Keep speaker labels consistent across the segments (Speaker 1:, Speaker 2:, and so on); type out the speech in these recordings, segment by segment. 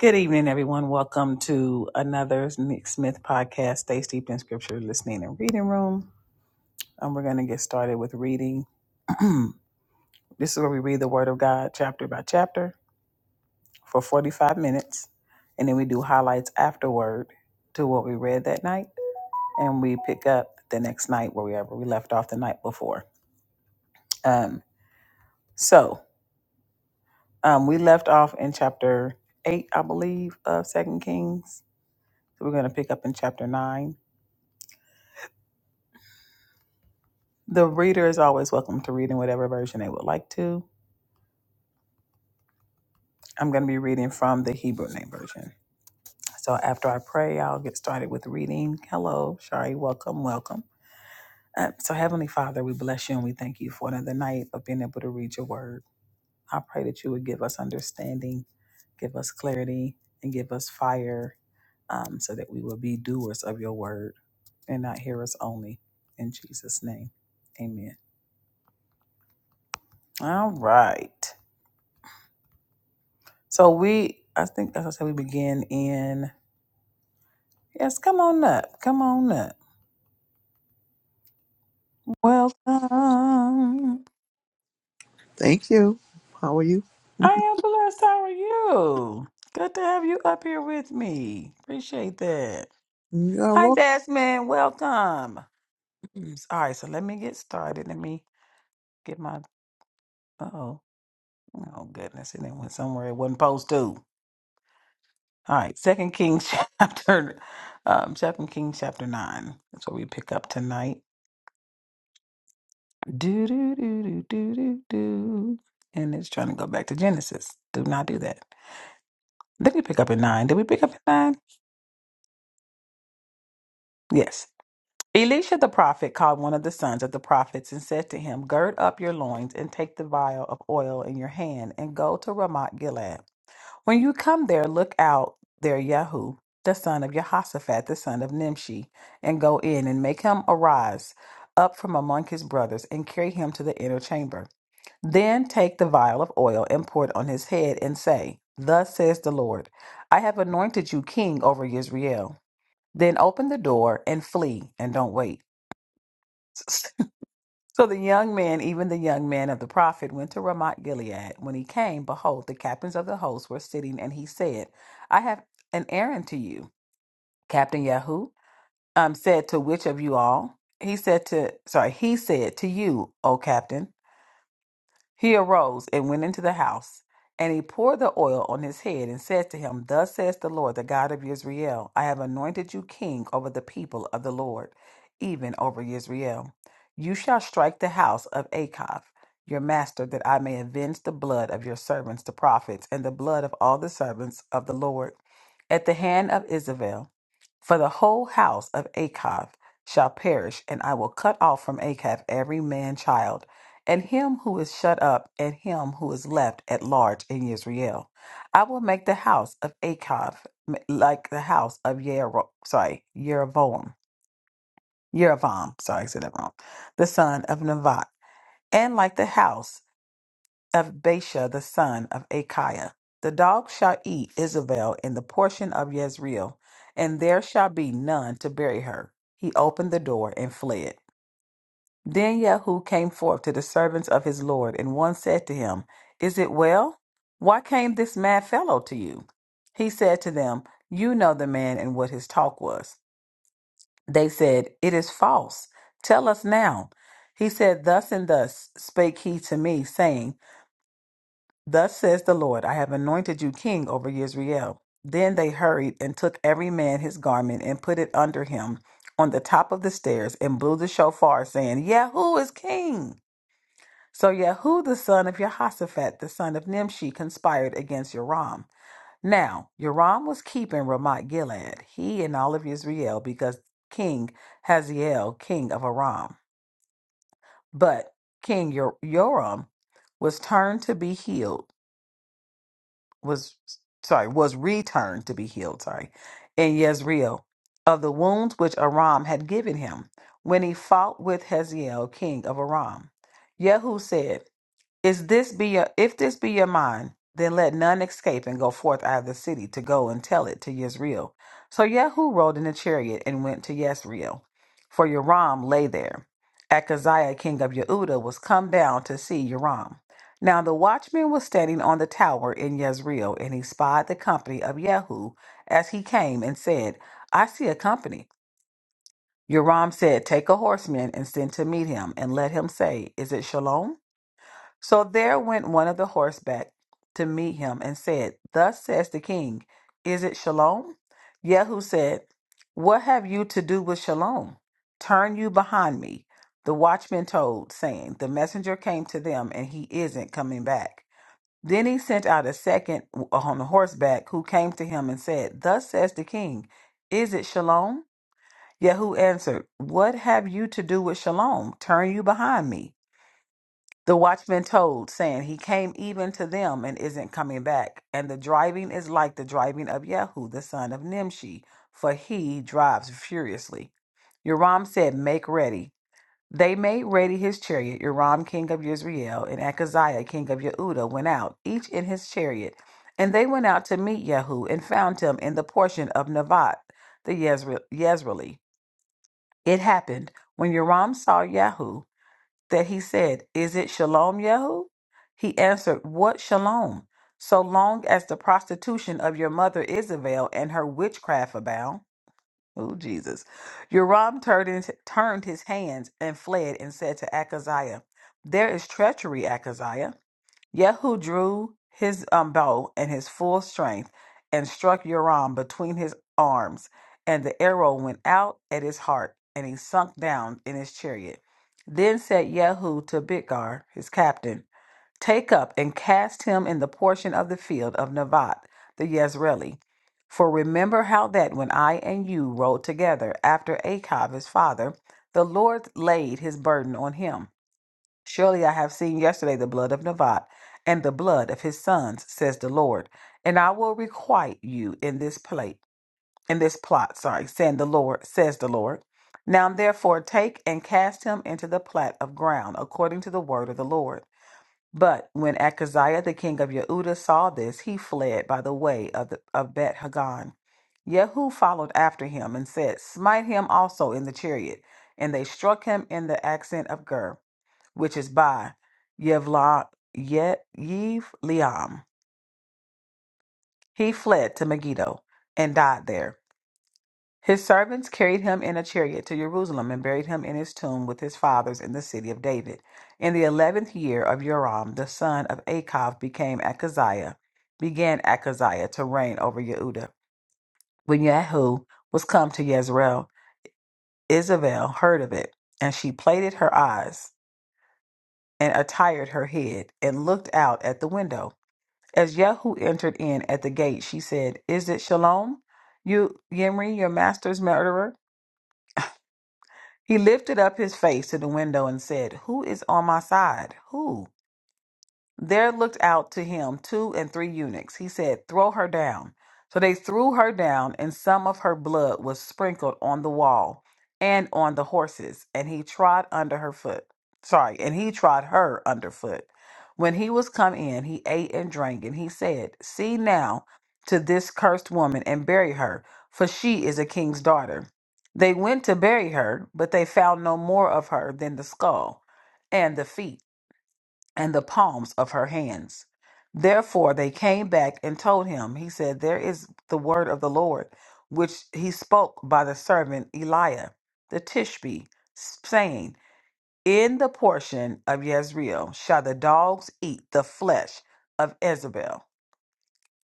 Speaker 1: Good evening, everyone. Welcome to another Nick Smith podcast, Stay Steeped in Scripture, Listening and Reading Room. Um, we're going to get started with reading. this is where we read the Word of God chapter by chapter for 45 minutes, and then we do highlights afterward to what we read that night, and we pick up the next night wherever we left off the night before. Um, so um, we left off in chapter 8, I believe, of Second Kings. So we're going to pick up in chapter 9 The reader is always welcome to read in whatever version they would like to. I'm going to be reading from the Hebrew Name Version. So after I pray, I'll get started with reading. Hello, Shari. Welcome, welcome. Uh, so, Heavenly Father, we bless you and we thank you for another night of being able to read your word. I pray that you would give us understanding, give us clarity, and give us fire um, so that we will be doers of your word and not hearers only. In Jesus' name, amen. All right. So we, I think as I said, we begin in. Yes, come on up. Come on up. Welcome.
Speaker 2: Thank you. How are you?
Speaker 1: I am blessed. How are you? Good to have you up here with me. Appreciate that.
Speaker 2: You are
Speaker 1: Hi,
Speaker 2: welcome.
Speaker 1: Desmond. Welcome. Mm, All right, so let me get started. Let me get my. Uh oh. Oh, goodness. And It went somewhere it wasn't supposed to. All right, Second Kings chapter, um, Second Kings chapter 9. That's what we pick up tonight. Do do do do do do do. And it's trying to go back to Genesis. Do not do that. Did we pick up at nine? Did we pick up at nine? Yes. Elisha the prophet called one of the sons of the prophets and said to him, Gird up your loins and take the vial of oil in your hand and go to Ramoth Gilead. When you come there, look out there Yahu, the son of Jehoshaphat, the son of Nimshi, and go in and make him arise up from among his brothers and carry him to the inner chamber. Then take the vial of oil and pour it on his head and say, Thus says the Lord, I have anointed you king over Israel. Then open the door and flee and don't wait. So the young man, even the young man of the prophet, went to Ramoth Gilead. When he came, behold, the captains of the host were sitting, and he said, I have an errand to you. Captain Yahoo um, said, To which of you all? He said to, sorry, he said, To you, O captain. He arose and went into the house, and he poured the oil on his head and said to him, Thus says the Lord, the God of Israel, I have anointed you king over the people of the Lord, even over Israel. You shall strike the house of Achab, your master, that I may avenge the blood of your servants, the prophets, and the blood of all the servants of the Lord, at the hand of Isabel. For the whole house of Achab shall perish, and I will cut off from Achab every man child, and him who is shut up, and him who is left at large in Israel. I will make the house of Achab like the house of Yero, sorry, Yeroboam, Yerovam, sorry, I said that wrong, the son of Nevat, and like the house of Baasha the son of Achiah. The dog shall eat Isabel in the portion of Yezreel, and there shall be none to bury her. He opened the door and fled. Then Yahu came forth to the servants of his lord, and one said to him, Is it well? Why came this mad fellow to you? He said to them, You know the man and what his talk was. They said, It is false. Tell us now. He said, Thus and thus spake he to me, saying, Thus says the Lord, I have anointed you king over Israel. Then they hurried and took every man his garment and put it under him on the top of the stairs and blew the shofar, saying, Yahoo is king. So Yahu the son of Jehoshaphat, the son of Nimshi, conspired against Yoram. Now Yoram was keeping Ramoth Gilead, he and all of Israel, because King Hazael, king of Aram. But King Yor- Yoram was turned to be healed was sorry was returned to be healed sorry in Yezreel of the wounds which Aram had given him when he fought with Hazael king of Aram. Yehu said. Is this be your, if this be your mind, then let none escape and go forth out of the city to go and tell it to Yezreel. So Yehu rode in a chariot and went to Yezreel, for Yoram lay there. Ahaziah, king of Yehuda, was come down to see Yoram. Now the watchman was standing on the tower in Yezreel, and he spied the company of Yehu as he came and said, I see a company. Yoram said, Take a horseman and send to meet him, and let him say, Is it Shalom? So there went one of the horseback to meet him and said, Thus says the king, Is it Shalom? Yehu said, What have you to do with Shalom? Turn you behind me. The watchman told, saying, The messenger came to them and he isn't coming back. Then he sent out a second on horseback who came to him and said, Thus says the king, Is it Shalom? Yehu answered, What have you to do with Shalom? Turn you behind me. The watchman told, saying, He came even to them and isn't coming back. And the driving is like the driving of Yehu, the son of Nimshi, for he drives furiously. Yoram said, Make ready. They made ready his chariot. Yoram, king of Yisrael, and Ahaziah, king of Yehuda, went out, each in his chariot. And they went out to meet Yehu and found him in the portion of Nevat, the Yezre- Yezreeli. It happened when Yoram saw Yehu that he said, Is it shalom, Yehu? He answered, What shalom? So long as the prostitution of your mother Isabel and her witchcraft abound. Oh, Jesus. Uram turned, his- turned his hands and fled and said to Ahaziah, There is treachery, Ahaziah. Yehu drew his um, bow in his full strength and struck Yoram between his arms, and the arrow went out at his heart, and he sunk down in his chariot. Then said Yehu to Bidgar, his captain, Take up and cast him in the portion of the field of Nevat, the Yezreeli. For remember how that when I and you rode together after Achab his father, the Lord laid his burden on him Surely I have seen yesterday the blood of Nevat and the blood of his sons, says the Lord, and I will requite you in this plate, in this plot, sorry, saying the Lord, says the Lord. Now therefore take and cast him into the plat of ground, according to the word of the Lord. But when Ahaziah the king of Yehuda saw this, he fled by the way of, the, of Bet Hagan. Jehu followed after him and said, Smite him also in the chariot. And they struck him in the accent of Gur which is by Yevla, Ye, Yev Liam. He fled to Megiddo and died there. His servants carried him in a chariot to Jerusalem and buried him in his tomb with his fathers in the city of David. In the eleventh year of Joram, the son of Achav became Ahaziah, began Ahaziah to reign over Yehuda. When Yehu was come to Yezreel, Isabel heard of it, and she plaited her eyes and attired her head and looked out at the window. As Yahu entered in at the gate, she said, Is it Shalom, you Yimri, your master's murderer? He lifted up his face to the window and said, Who is on my side? Who? There looked out to him two and three eunuchs. He said, Throw her down. So they threw her down, and some of her blood was sprinkled on the wall and on the horses, and he trod under her foot. Sorry, and he trod her underfoot. When he was come in, he ate and drank, and he said, See now to this cursed woman and bury her, for she is a king's daughter. They went to bury her, but they found no more of her than the skull and the feet and the palms of her hands. Therefore they came back and told him, He said, There is the word of the Lord, which he spoke by the servant Eliah the Tishbe, saying, In the portion of Yezreel shall the dogs eat the flesh of Jezebel,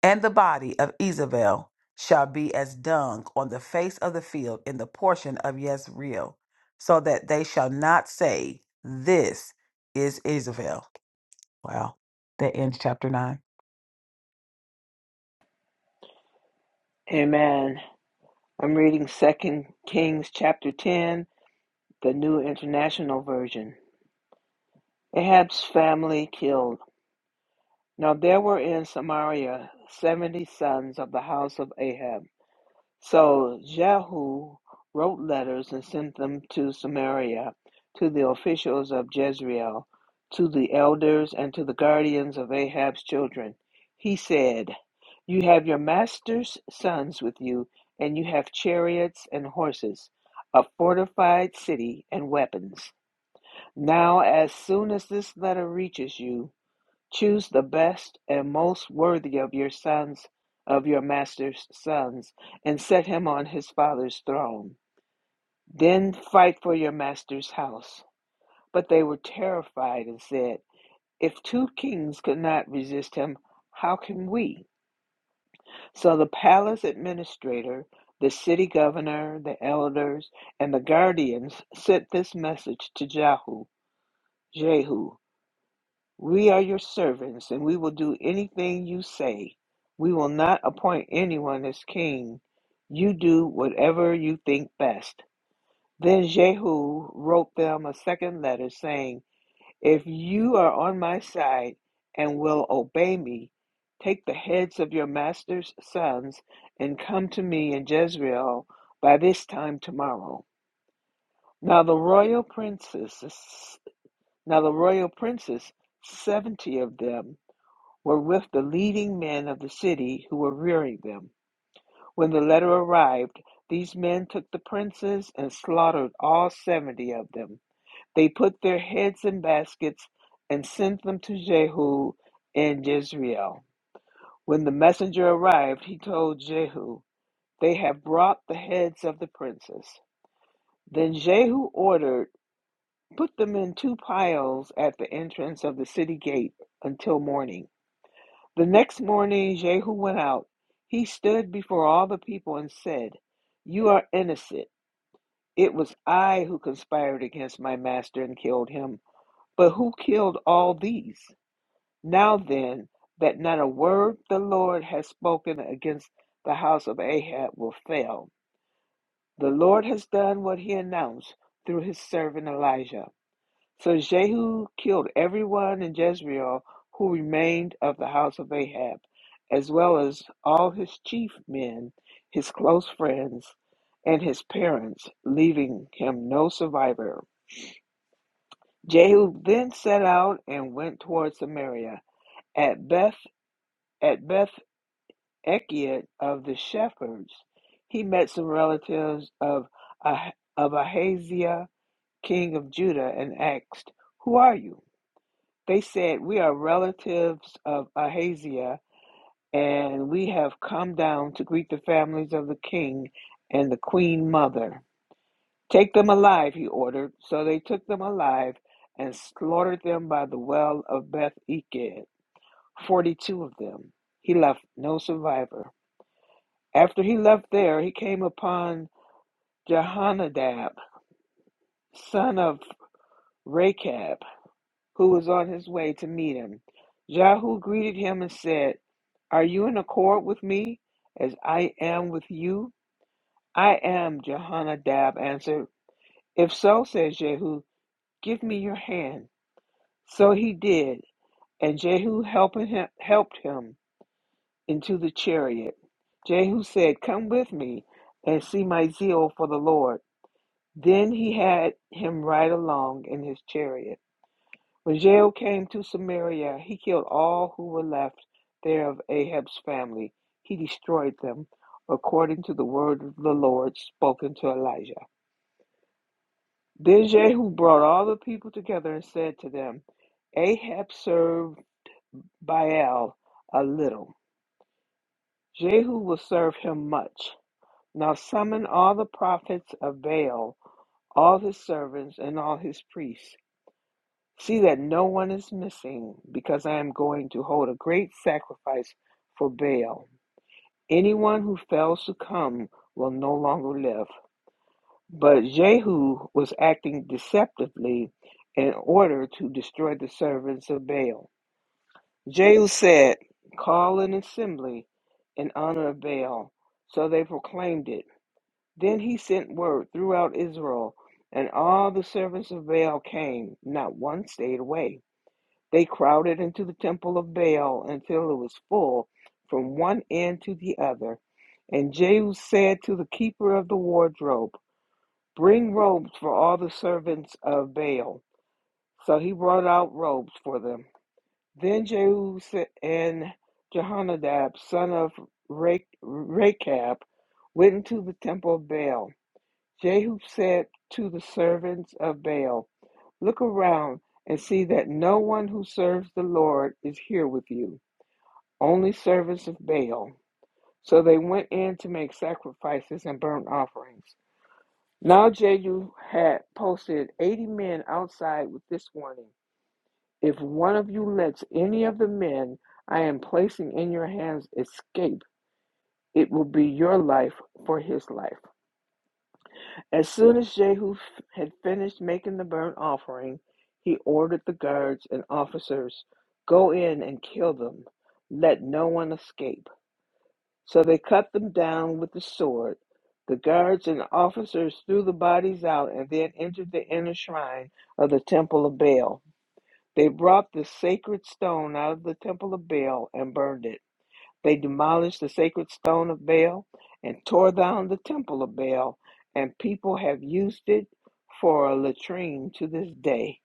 Speaker 1: and the body of Jezebel shall be as dung on the face of the field in the portion of Yezreel, so that they shall not say, This is Jezebel. Wow. That ends chapter nine.
Speaker 2: Amen. I'm reading Second Kings chapter 10, the New International Version. Ahab's family killed. Now there were in Samaria 70 sons of the house of Ahab. So Jehu wrote letters and sent them to Samaria, to the officials of Jezreel, to the elders, and to the guardians of Ahab's children. He said, You have your master's sons with you, and you have chariots and horses, a fortified city, and weapons. Now, as soon as this letter reaches you, Choose the best and most worthy of your sons, of your master's sons, and set him on his father's throne. Then fight for your master's house. But they were terrified and said, If two kings could not resist him, how can we? So the palace administrator, the city governor, the elders, and the guardians sent this message to Jehu, Jehu. We are your servants, and we will do anything you say. We will not appoint anyone as king. You do whatever you think best. Then Jehu wrote them a second letter, saying, If you are on my side and will obey me, take the heads of your master's sons and come to me in Jezreel by this time tomorrow. Now the royal princes, now the royal princes, seventy of them were with the leading men of the city who were rearing them. When the letter arrived, these men took the princes and slaughtered all seventy of them. They put their heads in baskets and sent them to Jehu in Jezreel. When the messenger arrived, he told Jehu, They have brought the heads of the princes. Then Jehu ordered, Put them in two piles at the entrance of the city gate until morning. The next morning Jehu went out. He stood before all the people and said, You are innocent. It was I who conspired against my master and killed him. But who killed all these? Now then, that not a word the Lord has spoken against the house of Ahab will fail. The Lord has done what he announced through his servant Elijah. So Jehu killed everyone in Jezreel who remained of the house of Ahab, as well as all his chief men, his close friends, and his parents, leaving him no survivor. Jehu then set out and went toward Samaria. At Beth at Beth Ekiat of the shepherds, he met some relatives of Ah- of Ahaziah, king of Judah, and asked, "Who are you?" They said, We are relatives of Ahaziah, and we have come down to greet the families of the king and the queen mother. Take them alive, he ordered. So they took them alive and slaughtered them by the well of Beth Eked, 42 of them. He left no survivor. After he left there, he came upon Jehonadab, son of Rechab who was on his way to meet him. Jehu greeted him and said, Are you in accord with me as I am with you? I am, Jehonadab answered. If so, said Jehu, give me your hand. So he did, and Jehu helping him, helped him into the chariot. Jehu said, Come with me and see my zeal for the Lord. Then he had him ride along in his chariot. When Jehu came to Samaria, he killed all who were left there of Ahab's family. He destroyed them, according to the word of the Lord spoken to Elijah. Then Jehu brought all the people together and said to them, Ahab served Baal a little. Jehu will serve him much. Now summon all the prophets of Baal, all his servants, and all his priests. See that no one is missing, because I am going to hold a great sacrifice for Baal. Anyone who fails to come will no longer live. But Jehu was acting deceptively in order to destroy the servants of Baal. Jehu said, Call an assembly in honor of Baal. So they proclaimed it. Then he sent word throughout Israel, and all the servants of Baal came, not one stayed away. They crowded into the temple of Baal until it was full from one end to the other. And Jehu said to the keeper of the wardrobe, Bring robes for all the servants of Baal. So he brought out robes for them. Then Jehu and Jehonadab, son of Rechab, went into the temple of Baal. Jehu said to the servants of Baal, Look around and see that no one who serves the Lord is here with you, only servants of Baal. So they went in to make sacrifices and burnt offerings. Now Jehu had posted 80 men outside with this warning If one of you lets any of the men I am placing in your hands escape, it will be your life for his life. As soon as Jehu had finished making the burnt offering, he ordered the guards and officers, Go in and kill them. Let no one escape. So they cut them down with the sword. The guards and officers threw the bodies out and then entered the inner shrine of the temple of Baal. They brought the sacred stone out of the temple of Baal and burned it. They demolished the sacred stone of Baal and tore down the temple of Baal, and people have used it for a latrine to this day.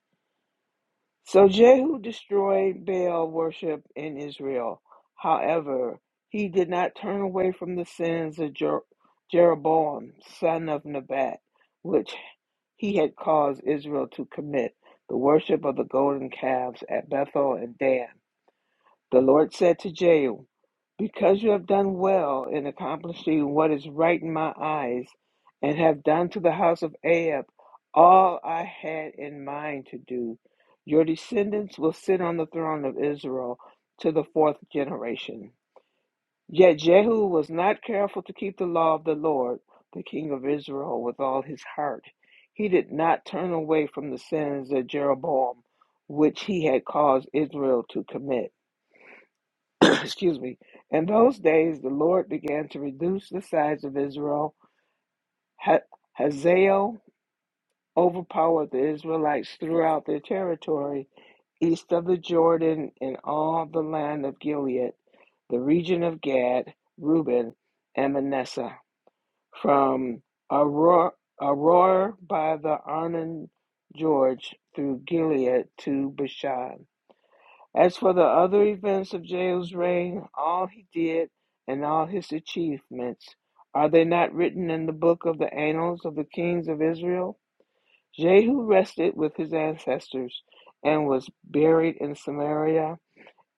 Speaker 2: So Jehu destroyed Baal worship in Israel. However, he did not turn away from the sins of Jer- Jeroboam, son of Nebat, which he had caused Israel to commit the worship of the golden calves at Bethel and Dan. The Lord said to Jehu, Because you have done well in accomplishing what is right in my eyes, and have done to the house of Ahab all I had in mind to do, your descendants will sit on the throne of Israel to the fourth generation. Yet Jehu was not careful to keep the law of the Lord, the king of Israel, with all his heart. He did not turn away from the sins of Jeroboam, which he had caused Israel to commit. excuse me. In those days, the Lord began to reduce the size of Israel. Ha- Hazael overpowered the Israelites throughout their territory, east of the Jordan, in all the land of Gilead, the region of Gad, Reuben, and Manasseh, from Aror Aror by the Arnon George through Gilead to Bashan. As for the other events of Jehu's reign, all he did and all his achievements, are they not written in the book of the annals of the kings of Israel? Jehu rested with his ancestors and was buried in Samaria,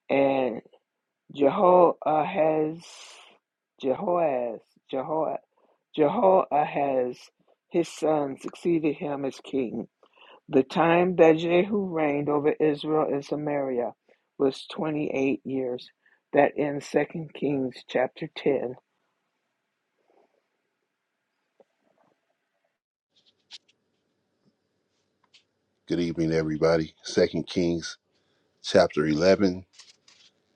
Speaker 2: and Jehoahaz, Jehoahaz, Jeho- Jehoahaz, his son, succeeded him as king. The time that Jehu reigned over Israel and Samaria was 28 years. That ends Second Kings chapter 10.
Speaker 3: Good evening, everybody. Second Kings chapter 11,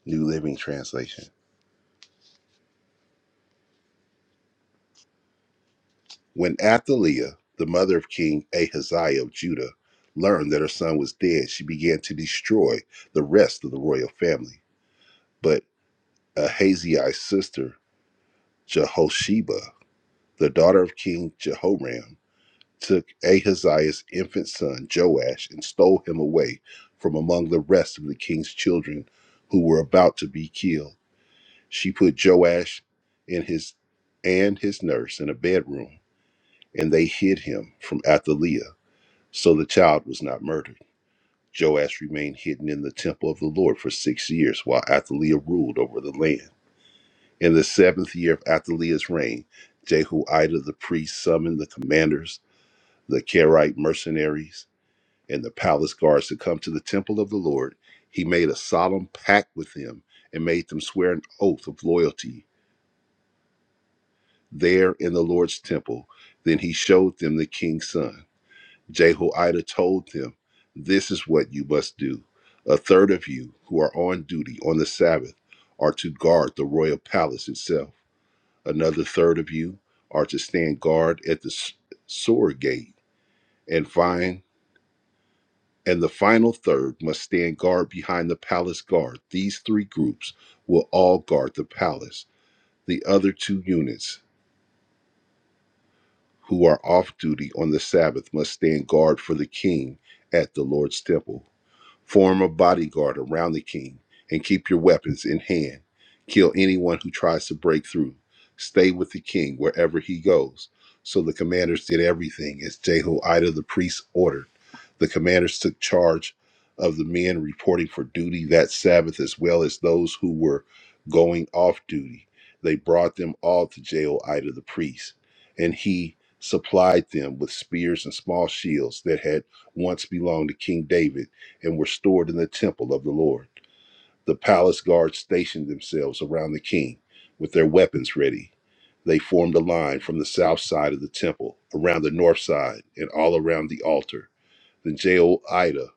Speaker 3: New Living Translation. When Athaliah, the mother of King Ahaziah of Judah, learned that her son was dead, she began to destroy the rest of the royal family. But Ahaziah's sister, Jehosheba, the daughter of King Jehoram, took Ahaziah's infant son, Joash, and stole him away from among the rest of the king's children who were about to be killed. She put Joash in his and his nurse in a bedroom, and they hid him from Athaliah, so the child was not murdered. Joash remained hidden in the temple of the Lord for six years, while Athaliah ruled over the land. In the seventh year of Athaliah's reign, Jehoiada the priest summoned the commanders, the Kerite mercenaries, and the palace guards to come to the temple of the Lord. He made a solemn pact with them and made them swear an oath of loyalty there in the Lord's temple. Then he showed them the king's son. Jehoiada told them, This is what you must do. A third of you who are on duty on the Sabbath are to guard the royal palace itself. Another third of you are to stand guard at the s- sword gate and find and the final third must stand guard behind the palace guard. These three groups will all guard the palace. The other two units who are off duty on the Sabbath must stand guard for the king at the Lord's temple. Form a bodyguard around the king and keep your weapons in hand. Kill anyone who tries to break through. Stay with the king wherever he goes. So the commanders did everything as Jehoiada the priest ordered. The commanders took charge of the men reporting for duty that Sabbath as well as those who were going off duty. They brought them all to Jehoiada the priest, and he supplied them with spears and small shields that had once belonged to King David and were stored in the temple of the Lord. The palace guards stationed themselves around the king with their weapons ready. They formed a line from the south side of the temple, around the north side, and all around the altar. Then Jehoiada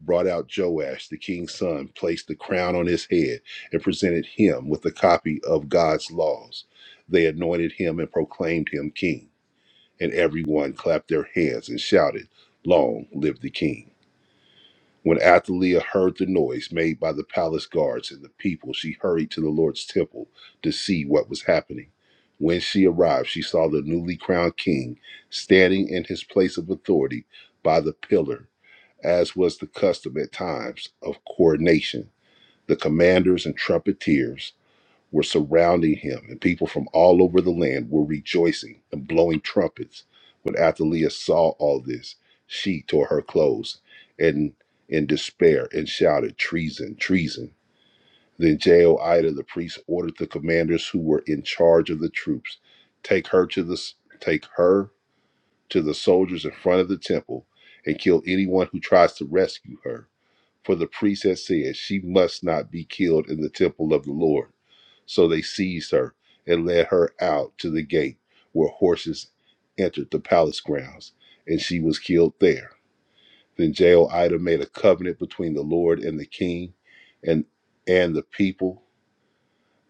Speaker 3: brought out Joash, the king's son, placed the crown on his head, and presented him with a copy of God's laws. They anointed him and proclaimed him king, and everyone clapped their hands and shouted, Long live the king. When Athaliah heard the noise made by the palace guards and the people, she hurried to the Lord's temple to see what was happening. When she arrived, she saw the newly crowned king standing in his place of authority by the pillar, as was the custom at times of coronation. The commanders and trumpeters were surrounding him, and people from all over the land were rejoicing and blowing trumpets. When Athaliah saw all this, she tore her clothes and in despair and shouted, Treason, treason. Then Jehoiada the priest ordered the commanders who were in charge of the troops, take her to the take her to the soldiers in front of the temple and kill anyone who tries to rescue her. For the priest had said, She must not be killed in the temple of the Lord. So they seized her and led her out to the gate where horses entered the palace grounds, and she was killed there. Then Jehoiada made a covenant between the Lord and the king and, and the people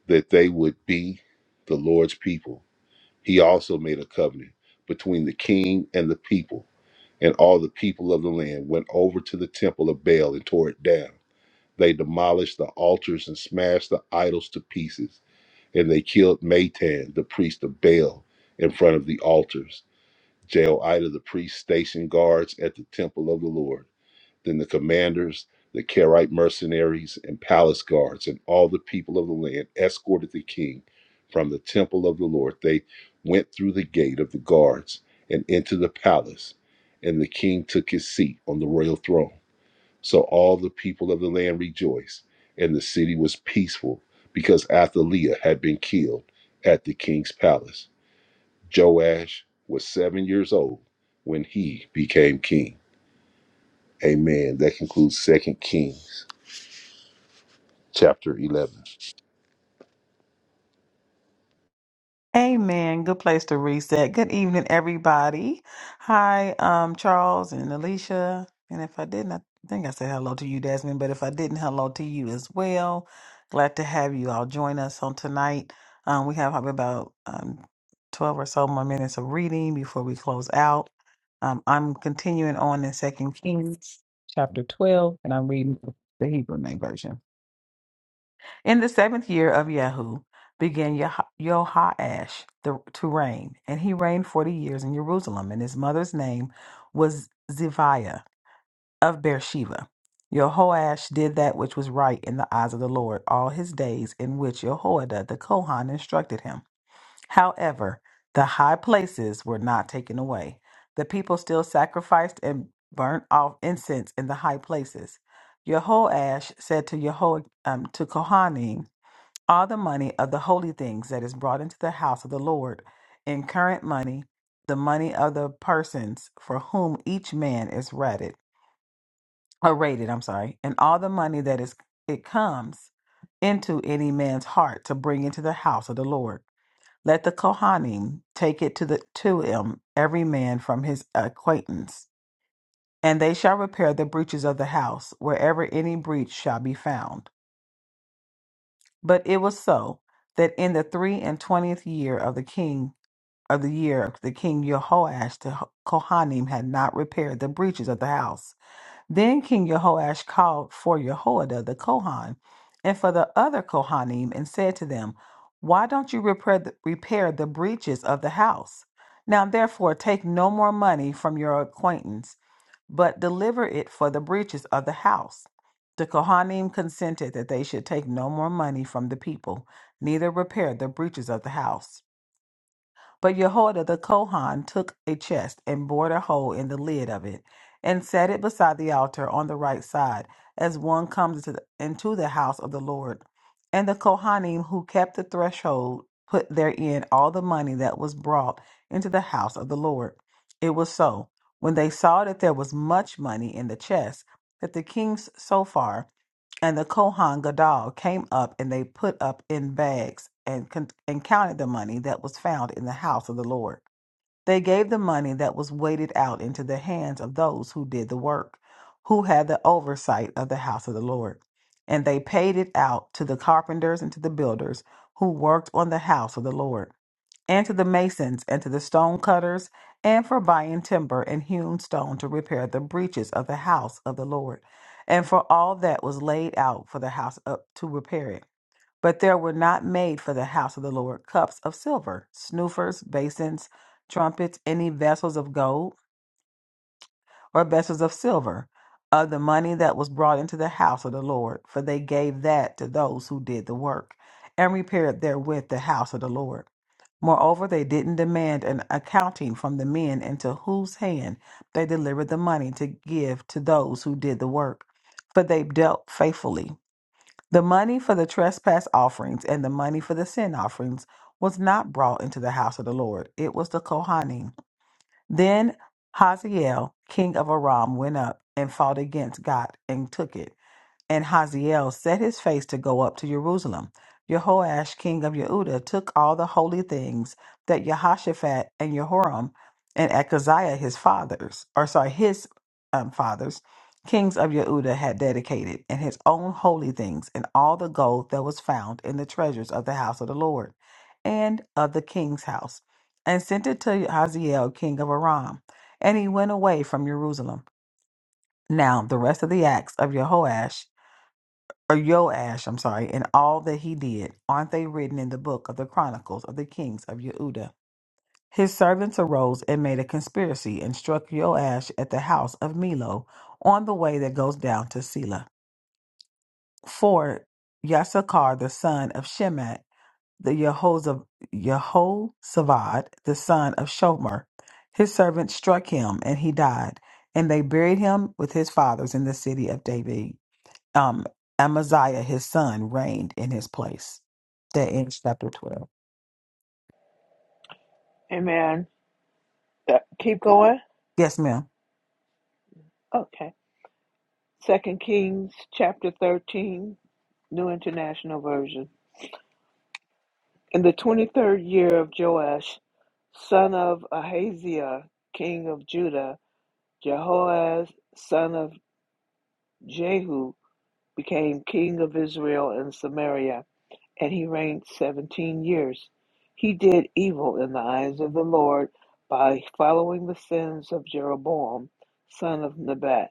Speaker 3: that they would be the Lord's people. He also made a covenant between the king and the people, and all the people of the land went over to the temple of Baal and tore it down. They demolished the altars and smashed the idols to pieces and they killed Matan, the priest of Baal, in front of the altars. Jehoiada the priest stationed guards at the temple of the Lord. Then the commanders, the Kerite mercenaries, and palace guards, and all the people of the land escorted the king from the temple of the Lord. They went through the gate of the guards and into the palace, and the king took his seat on the royal throne. So all the people of the land rejoiced, and the city was peaceful because Athaliah had been killed at the king's palace. Joash was seven years old when he became king. Amen. That concludes Second Kings chapter 11.
Speaker 1: Amen. Good place to reset. Good evening, everybody. Hi, um, Charles and Alicia. And if I didn't, I think I said hello to you, Desmond. But if I didn't, hello to you as well. Glad to have you all join us on tonight. Um, we have probably about um, 12 or so more minutes of reading before we close out. Um, I'm continuing on in Second Kings chapter 12, and I'm reading the Hebrew name version. In the seventh year of Yehu began Yeha- Yehoash the, to reign, and he reigned forty years in Jerusalem. And his mother's name was Ziviah of Beersheba. Yehoash did that which was right in the eyes of the Lord all his days in which Jehoiada the Kohan instructed him. However, the high places were not taken away. The people still sacrificed and burnt off incense in the high places. Yehoash said to Yeho um, to Kohanim, all the money of the holy things that is brought into the house of the Lord in current money, the money of the persons for whom each man is rated, or rated, I'm sorry, and all the money that is it comes into any man's heart to bring into the house of the Lord. Let the Kohanim take it to the to him, every man from his acquaintance, and they shall repair the breaches of the house, wherever any breach shall be found But it was so that in the three and twentieth year of the king of the year of the king Jehoash, the Kohanim had not repaired the breaches of the house. Then King Jehoash called for Jehoiada the Kohan and for the other Kohanim and said to them, Why don't you repair the, repair the breaches of the house? Now therefore take no more money from your acquaintance but deliver it for the breaches of the house. The Kohanim consented that they should take no more money from the people, neither repair the breaches of the house. But Jehoiada the Kohan took a chest and bored a hole in the lid of it, and set it beside the altar on the right side, as one comes into the, into the house of the Lord. And the Kohanim who kept the threshold put therein all the money that was brought into the house of the Lord. It was so, when they saw that there was much money in the chest, that the king's sofar and the Kohan Gadol came up, and they put up in bags and, con- and counted the money that was found in the house of the Lord. They gave the money that was weighted out into the hands of those who did the work, who had the oversight of the house of the Lord. And they paid it out to the carpenters and to the builders who worked on the house of the Lord and to the masons and to the stonecutters, and for buying timber and hewn stone to repair the breaches of the house of the Lord, and for all that was laid out for the house up to repair it. But there were not made for the house of the Lord cups of silver, snoofers, basins, trumpets, any vessels of gold or vessels of silver of the money that was brought into the house of the Lord, for they gave that to those who did the work and repaired therewith the house of the Lord. Moreover, they didn't demand an accounting from the men into whose hand they delivered the money to give to those who did the work, for they dealt faithfully. The money for the trespass offerings and the money for the sin offerings was not brought into the house of the Lord. It was the Kohanim then Hazael, king of Aram, went up and fought against Gat and took it. And Hazael set his face to go up to Jerusalem. Jehoash, king of Yehuda, took all the holy things that Jehoshaphat and Jehoram and Ahaziah, his fathers, or sorry, his um, fathers, kings of Yehuda, had dedicated, and his own holy things, and all the gold that was found in the treasures of the house of the Lord and of the king's house, and sent it to Hazael, king of Aram. And he went away from Jerusalem. Now, the rest of the acts of Jehoash or Joash, I'm sorry, and all that he did, aren't they written in the book of the chronicles of the kings of Yehuda? His servants arose and made a conspiracy and struck Joash at the house of Milo on the way that goes down to Selah. For Yasakar, the son of Shemat, the Yehozav- Yehozavad, the son of Shomer, his servants struck him and he died, and they buried him with his fathers in the city of David um, Amaziah, his son, reigned in his place. That ends chapter 12.
Speaker 2: Amen. Uh, keep going.
Speaker 1: Yes, ma'am.
Speaker 2: Okay. Second Kings chapter 13, New International Version. In the 23rd year of Joash, son of Ahaziah, king of Judah, Jehoaz, son of Jehu, became king of Israel and Samaria. and he reigned seventeen years. He did evil in the eyes of the Lord by following the sins of Jeroboam, son of Nebat,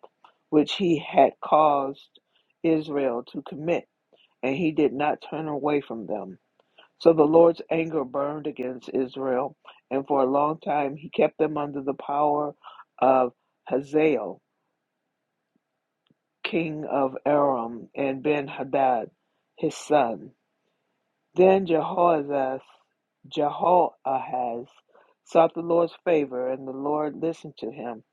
Speaker 2: which he had caused Israel to commit, and he did not turn away from them. So the Lord's anger burned against Israel, and for a long time he kept them under the power of Hazael, king of Aram, and Ben Hadad, his son. Then Jehoahaz Jehoahaz sought the Lord's favor, and the Lord listened to him,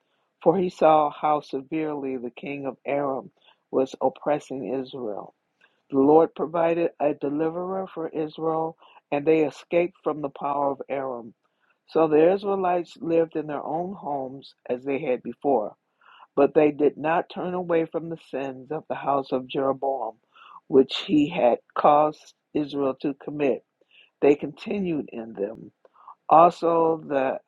Speaker 2: for he saw how severely the king of Aram was oppressing Israel. The Lord provided a deliverer for Israel, and they escaped from the power of Aram. So the Israelites lived in their own homes as they had before, but they did not turn away from the sins of the house of Jeroboam, which he had caused Israel to commit. They continued in them. Also, the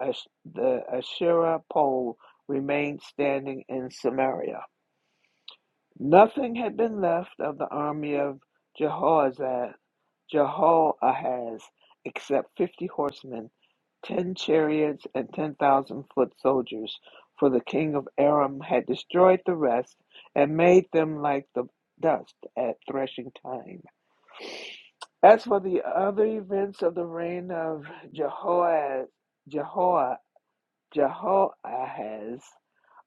Speaker 2: the Asherah pole remained standing in Samaria. Nothing had been left of the army of Jehoazad, Jehoahaz except fifty horsemen, ten chariots, and ten thousand foot soldiers, for the king of Aram had destroyed the rest and made them like the dust at threshing time. As for the other events of the reign of Jehoaz, Jehoahaz,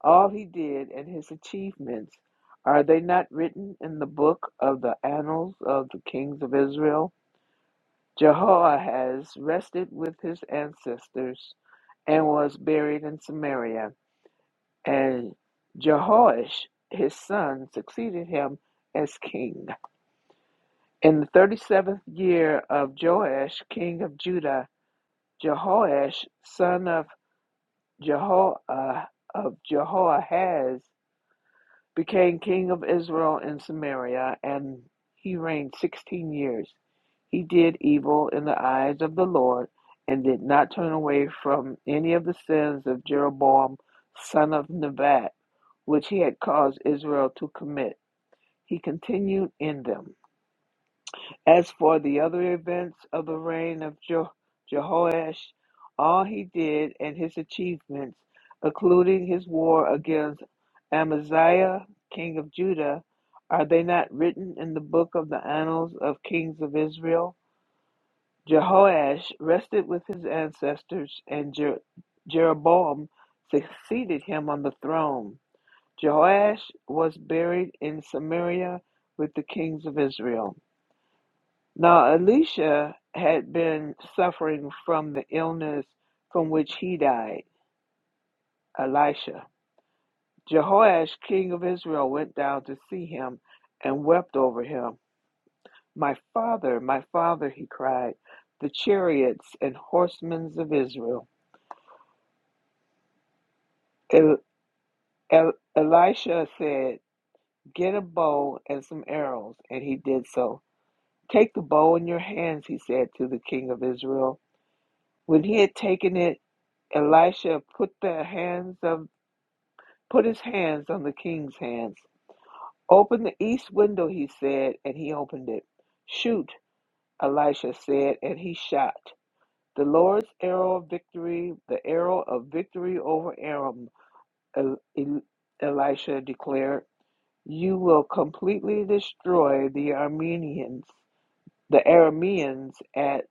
Speaker 2: all he did and his achievements, are they not written in the book of the annals of the kings of Israel? Jehoahaz rested with his ancestors and was buried in Samaria, and Jehoash his son succeeded him as king. In the thirty seventh year of Joash, king of Judah, Jehoash, son of Jehoah of Jehoahaz became king of Israel in Samaria, and he reigned sixteen years. He did evil in the eyes of the Lord, and did not turn away from any of the sins of Jeroboam, son of Nebat, which he had caused Israel to commit. He continued in them. As for the other events of the reign of Je- Jehoash, all he did and his achievements, including his war against Amaziah, king of Judah, are they not written in the book of the annals of kings of Israel? Jehoash rested with his ancestors, and Jer- Jeroboam succeeded him on the throne. Jehoash was buried in Samaria with the kings of Israel. Now, Elisha had been suffering from the illness from which he died, Elisha. Jehoash, king of Israel, went down to see him and wept over him. My father, my father, he cried, the chariots and horsemen of Israel. El- El- Elisha said, Get a bow and some arrows, and he did so. Take the bow in your hands, he said to the king of Israel. When he had taken it, Elisha put the hands of put his hands on the king's hands. Open the east window, he said, and he opened it. Shoot, Elisha said, and he shot. The Lord's arrow of victory, the arrow of victory over Aram, El- El- Elisha declared. You will completely destroy the Armenians, the Arameans at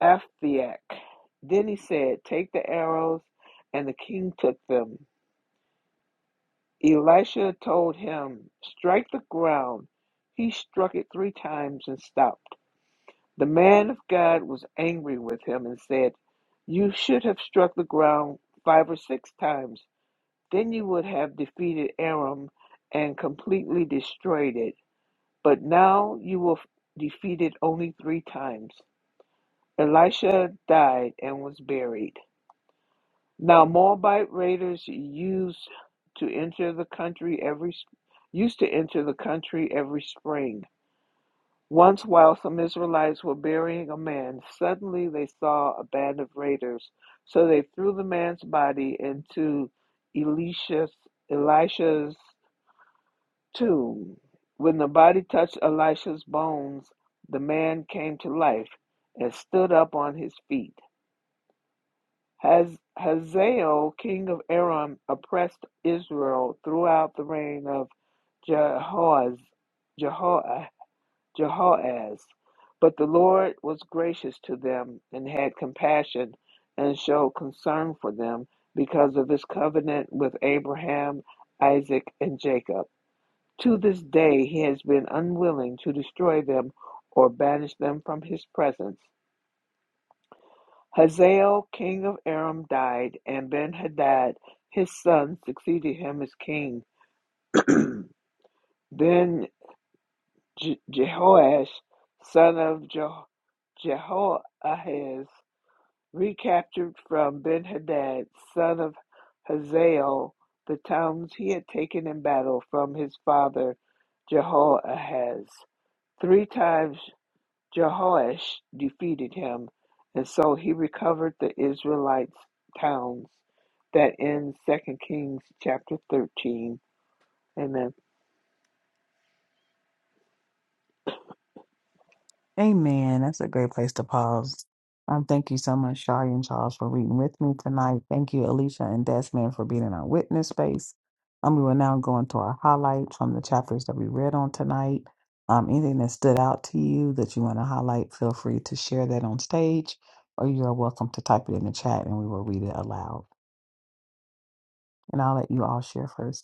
Speaker 2: Aphek. Then he said, Take the arrows, and the king took them. Elisha told him, Strike the ground. He struck it three times and stopped. The man of God was angry with him and said, You should have struck the ground five or six times. Then you would have defeated Aram and completely destroyed it. But now you will defeat it only three times. Elisha died and was buried. Now Moabite raiders used to enter the country every used to enter the country every spring. Once while some Israelites were burying a man, suddenly they saw a band of raiders. So they threw the man's body into Elisha's Elisha's tomb. When the body touched Elisha's bones, the man came to life and stood up on his feet. Haz- Hazael, king of Aram, oppressed Israel throughout the reign of Jehoaz, Jeho- Jehoaz. But the Lord was gracious to them and had compassion and showed concern for them because of his covenant with Abraham, Isaac, and Jacob. To this day, he has been unwilling to destroy them or banish them from his presence Hazael, king of Aram, died, and Ben-Hadad, his son, succeeded him as king. then Je- Jehoash, son of Je- Jehoahaz, recaptured from Ben-Hadad, son of Hazael, the towns he had taken in battle from his father Jehoahaz. Three times Jehoash defeated him, and so he recovered the Israelites' towns. That ends Second Kings chapter thirteen. Amen.
Speaker 1: Amen. That's a great place to pause. Um, thank you so much, Shari and Charles, for reading with me tonight. Thank you, Alicia and Desmond, for being in our witness space. Um, we will now go into our highlights from the chapters that we read on tonight. Um, anything that stood out to you that you want to highlight, feel free to share that on stage, or you are welcome to type it in the chat and we will read it aloud. And I'll let you all share first.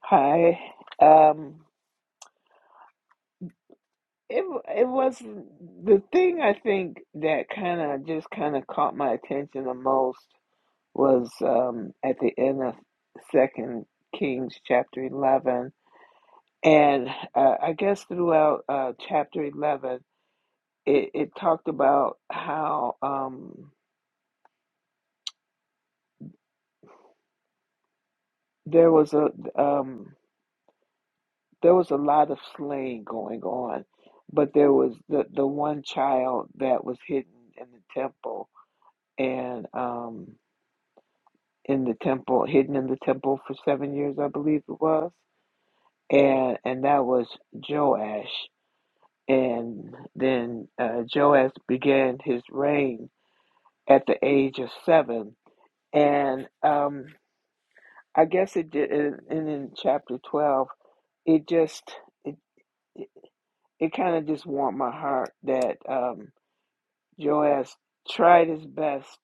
Speaker 2: Hi. Um. It it was the thing I think that kind of just kind of caught my attention the most was um at the end of Second Kings chapter eleven, and uh, I guess throughout uh, chapter eleven, it, it talked about how. Um, there was a um there was a lot of slaying going on, but there was the the one child that was hidden in the temple and um in the temple hidden in the temple for seven years I believe it was and and that was Joash and then uh, Joash began his reign at the age of seven and um I guess it did and in chapter twelve it just. it. it kind of just warmed my heart that um, Joash tried his best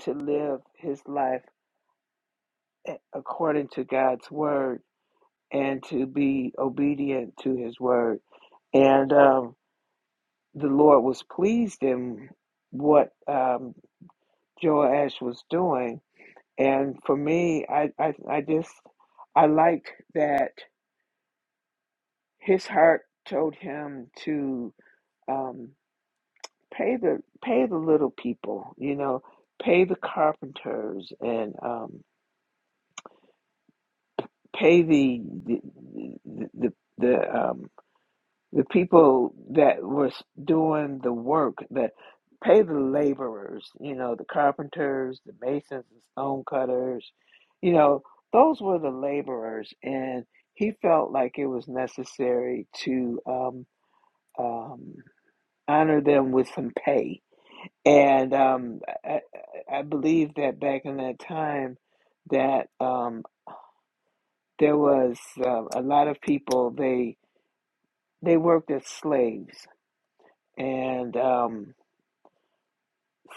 Speaker 2: to live his life according to God's word and to be obedient to his word. And um, the Lord was pleased in what um, Joash was doing. And for me, I, I, I just, I liked that his heart told him to. Um, pay the pay the little people you know pay the carpenters and um pay the the the, the the, um the people that was doing the work that pay the laborers you know the carpenters the masons the stonecutters you know those were the laborers and he felt like it was necessary to um um honor them with some pay And um, I, I believe that back in that time, that um, there was um a lot of people they they worked as slaves, and um,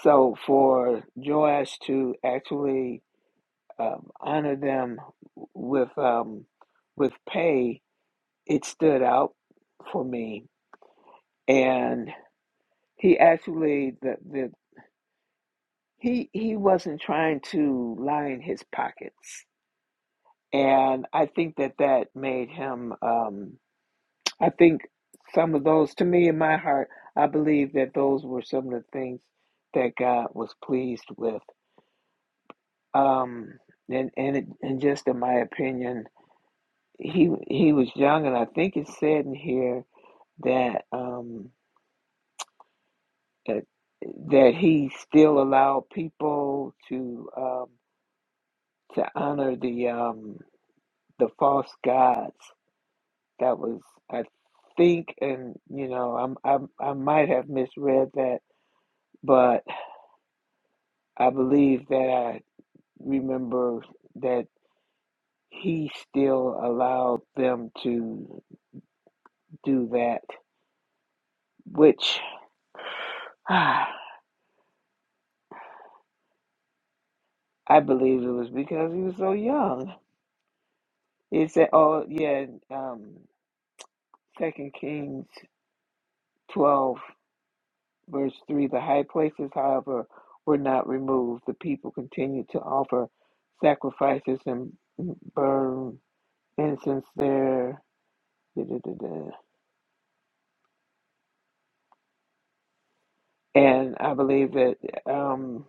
Speaker 2: so for Joash to actually um, honor them with um, with pay, it stood out for me. And he actually the, the he he wasn't trying to line his pockets And I think that that made him, um, I think some of those, to me in my heart, I believe that those were some of the things that God was pleased with. Um, and, and, it, and just in my opinion, he, he was young and I think it said in here that, um, that, that he still allowed people to, um, to honor the, um, the false gods That was, I think, and you know, I'm, i I might have misread that, but I believe that I remember that he still allowed them to do that, which ah, I believe it was because he was so young. It said, oh yeah, um, Second Kings twelve. Verse 3 The high places, however, were not removed. The people continued to offer sacrifices and burn incense there. Da-da-da-da. And I believe that, um,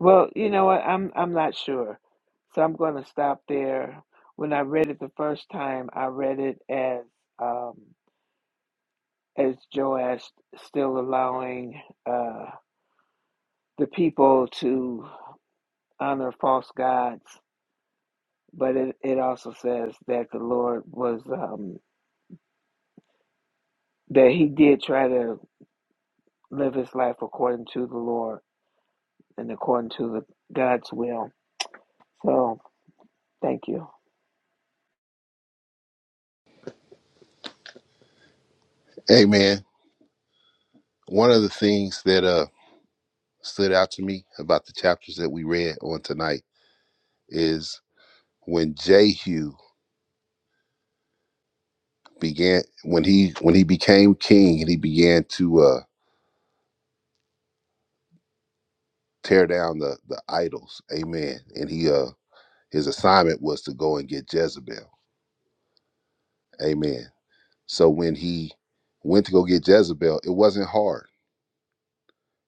Speaker 2: well, you know what? I'm, I'm not sure. So I'm going to stop there. When I read it the first time, I read it as, um, as Joash still allowing uh, the people to honor false gods but it, it also says that the Lord was um, that he did try to live his life according to the Lord and according to the God's will. So thank you.
Speaker 3: Amen. One of the things that uh, stood out to me about the chapters that we read on tonight is when Jehu began when he when he became king and he began to uh, tear down the the idols amen and he uh his assignment was to go and get jezebel amen so when he went to go get jezebel it wasn't hard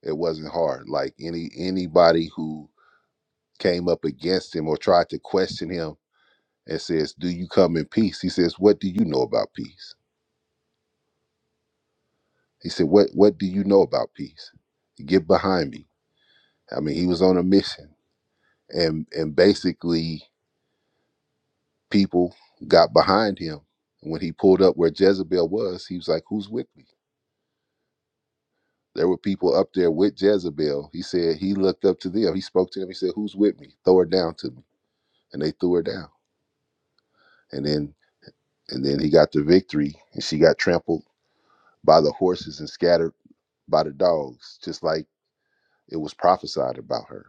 Speaker 3: it wasn't hard like any anybody who came up against him or tried to question him and says do you come in peace he says what do you know about peace he said what what do you know about peace get behind me i mean he was on a mission and and basically people got behind him. When he pulled up where Jezebel was, he was like, Who's with me? There were people up there with Jezebel. He said, He looked up to them. He spoke to them. He said, Who's with me? Throw her down to me. And they threw her down. And then and then he got the victory and she got trampled by the horses and scattered by the dogs, just like it was prophesied about her.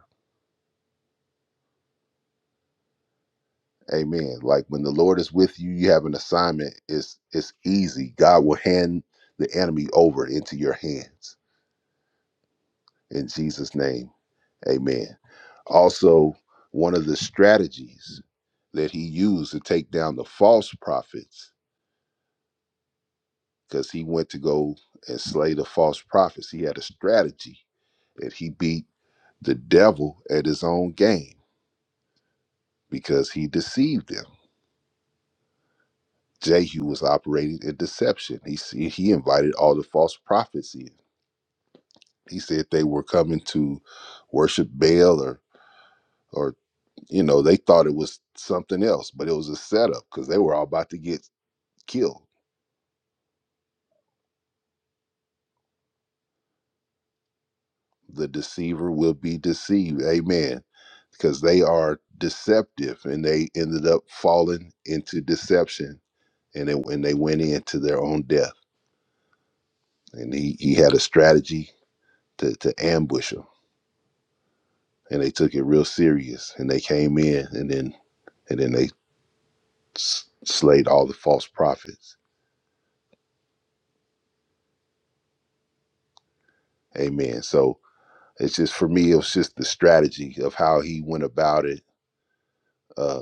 Speaker 3: Amen. Like when the Lord is with you, you have an assignment. It's it's easy. God will hand the enemy over into your hands in Jesus' name Amen. Also, one of the strategies that he used to take down the false prophets, because he went to go and slay the false prophets, he had a strategy that he beat the devil at his own game because he deceived them. Jehu was operating in deception. He s- he invited all the false prophets in. He said they were coming to worship Baal or or you know they thought it was something else, but it was a setup because they were all about to get killed the deceiver will be deceived amen because they are deceptive and they ended up falling into deception and they, and they went into their own death and he, he had a strategy to, to ambush them and they took it real serious and they came in and then and then they s- slayed all the false prophets amen so it's just for me it was just the strategy of how he went about it uh,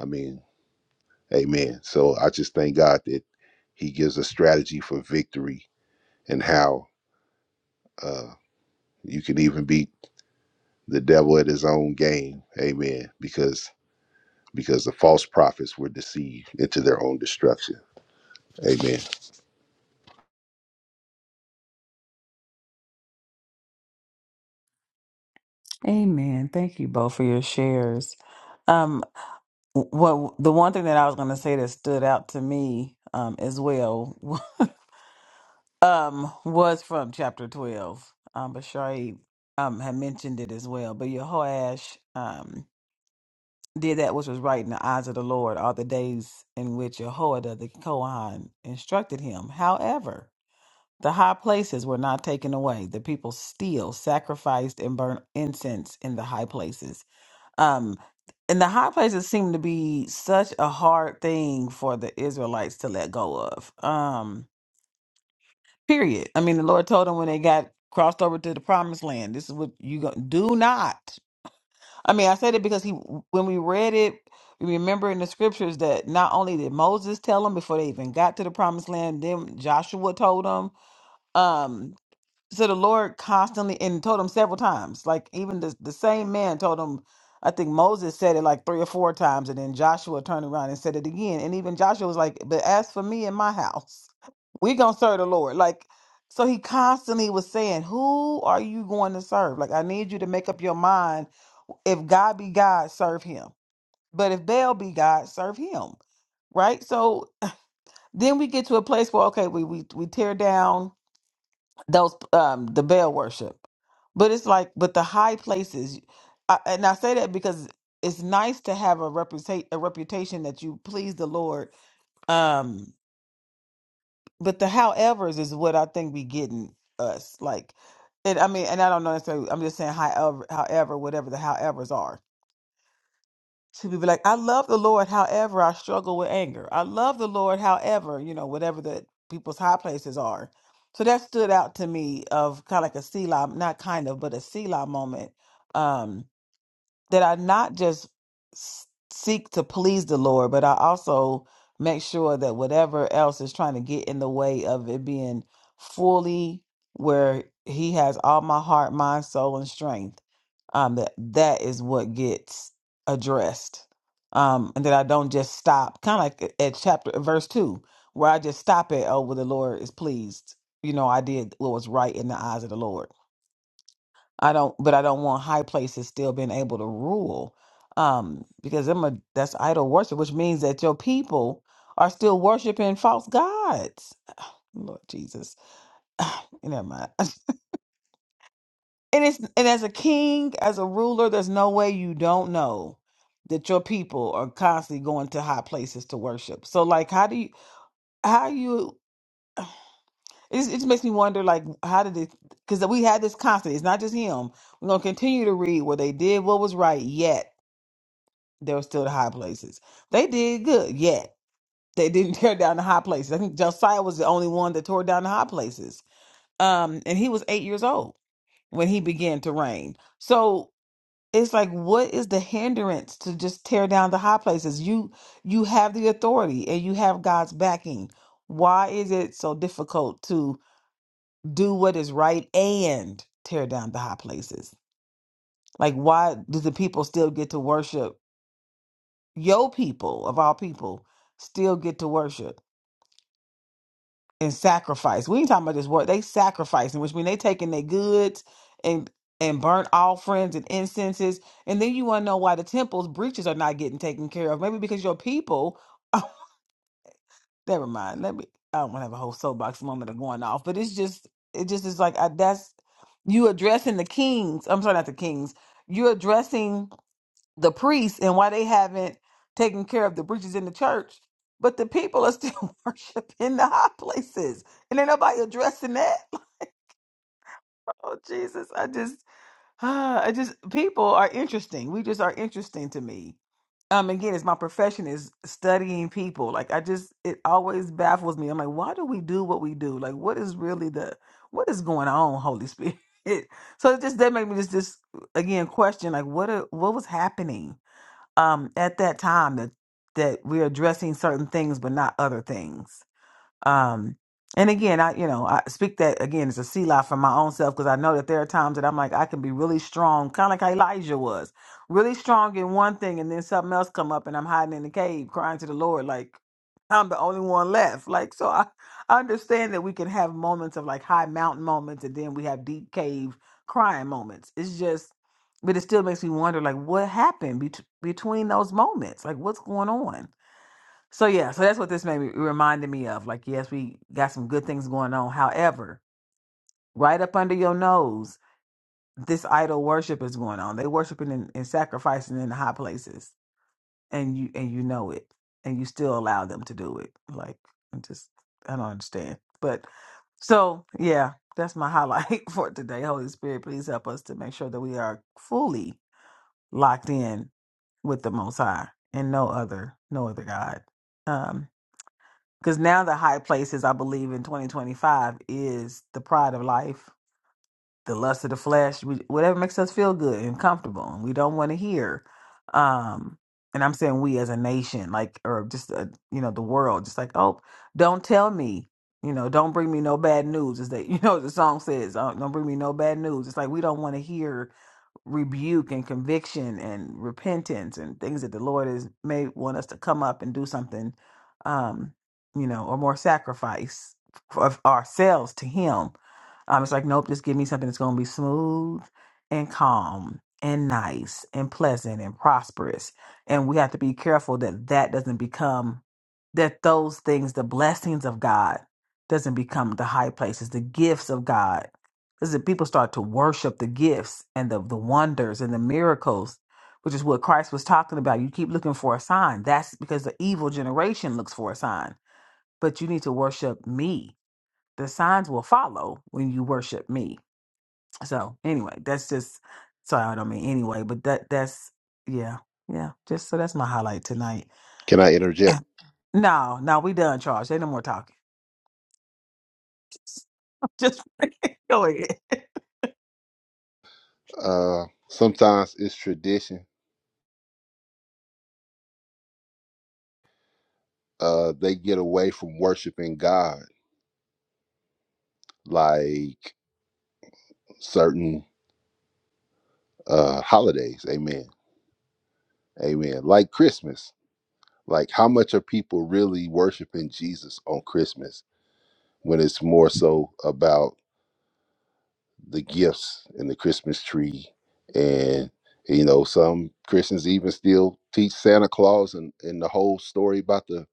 Speaker 3: i mean Amen. So I just thank God that He gives a strategy for victory and how uh, you can even beat the devil at his own game. Amen. Because because the false prophets were deceived into their own destruction. Amen.
Speaker 1: Amen. Thank you both for your shares. Um, well, the one thing that I was going to say that stood out to me um, as well um, was from chapter 12. Um, but Shari um, had mentioned it as well. But Jehoash um, did that which was right in the eyes of the Lord all the days in which Jehoiada the Kohan instructed him. However, the high places were not taken away. The people still sacrificed and burnt incense in the high places Um, and the high places seem to be such a hard thing for the Israelites to let go of. Um, period. I mean, the Lord told them when they got crossed over to the promised land, this is what you go do not. I mean, I said it because he when we read it, we remember in the scriptures that not only did Moses tell them before they even got to the promised land, then Joshua told them. um, so the Lord constantly and told him several times. Like even the the same man told him, I think Moses said it like three or four times, and then Joshua turned around and said it again. And even Joshua was like, But as for me and my house, we gonna serve the Lord. Like so he constantly was saying, Who are you going to serve? Like I need you to make up your mind. If God be God, serve him. But if Baal be God, serve him. Right? So then we get to a place where okay, we we we tear down those um the Baal worship. But it's like, but the high places, I, and I say that because it's nice to have a reputation a reputation that you please the Lord. Um, but the howevers is what I think be getting us like. It, I mean, and I don't know necessarily. I'm just saying, however, however, whatever the howevers are to be like, I love the Lord, however, I struggle with anger. I love the Lord, however, you know, whatever the people's high places are. So that stood out to me of kind of like a Selah, not kind of, but a Selah moment um, that I not just s- seek to please the Lord, but I also make sure that whatever else is trying to get in the way of it being fully where He has all my heart, mind, soul, and strength, um, that that is what gets addressed, um, and that I don't just stop, kind of like at chapter uh, verse two, where I just stop at oh, well, the Lord is pleased. You know, I did what was right in the eyes of the Lord I don't, but I don't want high places still being able to rule, um, because I'm a that's idol worship, which means that your people are still worshiping false gods. Lord Jesus, never mind. And it's and as a king, as a ruler, there's no way you don't know that your people are constantly going to high places to worship. So, like, how do you how you? It it just makes me wonder, like, how did it? Because we had this constant. It's not just him. We're gonna continue to read where they did what was right, yet. They were still the high places. They did good, yet they didn't tear down the high places. I think Josiah was the only one that tore down the high places. Um, and he was eight years old when he began to reign. So it's like, what is the hindrance to just tear down the high places? You you have the authority and you have God's backing. Why is it so difficult to do what is right and tear down the high places? Like, why do the people still get to worship your people of all people still get to worship and sacrifice. We ain't talking about this work. They sacrificing, which means they taking their goods and and burnt offerings and incenses. And then you want to know why the temple's breaches are not getting taken care of. Maybe because your people. never mind. Let me. I don't want to have a whole soapbox moment of going off, but it's just it just is like I, that's you addressing the kings. I'm sorry, not the kings. You're addressing the priests and why they haven't taken care of the breaches in the church. But the people are still worshiping the high places, and ain't nobody addressing that. Oh Jesus, I just, ah, I just people are interesting. We just are interesting to me. Um, again, it's my profession is studying people. Like I just, it always baffles me. I'm like, why do we do what we do? Like, what is really the, what is going on, Holy Spirit? so it just that made me just, just again question like, what, a, what was happening? um, at that time that that we're addressing certain things but not other things. Um, and again, I you know I speak that again as a sea life for my own self because I know that there are times that I'm like I can be really strong, kind of like Elijah was, really strong in one thing, and then something else come up, and I'm hiding in the cave crying to the Lord like I'm the only one left. Like so, I, I understand that we can have moments of like high mountain moments, and then we have deep cave crying moments. It's just, but it still makes me wonder like what happened bet- between those moments, like what's going on so yeah, so that's what this made me reminded me of. Like, yes, we got some good things going on. However, right up under your nose, this idol worship is going on. They worshiping and, and sacrificing in the high places, and you and you know it, and you still allow them to do it. Like, I'm just I don't understand. But so yeah, that's my highlight for today. Holy Spirit, please help us to make sure that we are fully locked in with the Most High and no other, no other God. Um, because now the high places, I believe, in 2025 is the pride of life, the lust of the flesh, we- whatever makes us feel good and comfortable. And we don't want to hear. Um, and I'm saying we as a nation, like, or just, uh you know, the world, just like, oh, don't tell me, you know, don't bring me no bad news. Is that, you know, the song says, oh, don't bring me no bad news. It's like we don't want to hear rebuke and conviction and repentance and things that the Lord is may want us to come up and do something, um, you know, or more sacrifice of ourselves to Him. Um, it's like, nope, just give me something that's going to be smooth and calm and nice and pleasant and prosperous. And we have to be careful that that doesn't become that those things, the blessings of God, doesn't become the high places, the gifts of God because the people start to worship the gifts and the, the wonders and the miracles, which is what Christ was talking about. You keep looking for a sign. That's because the evil generation looks for a sign. But you need to worship me. The signs will follow when you worship me. So anyway, that's just sorry, I don't mean anyway, but that that's yeah. Yeah. Just so that's my highlight tonight.
Speaker 3: Can I interject?
Speaker 1: no, no, we done, Charles. Ain't no more talking. Just go ahead.
Speaker 3: Uh, sometimes it's tradition. Uh, they get away from worshiping God, like certain uh, holidays. Amen. Amen. Like Christmas. Like, how much are people really worshiping Jesus on Christmas? when it's more so about the gifts and the Christmas tree. And, you know, some Christians even still teach Santa Claus and, and the whole story about the,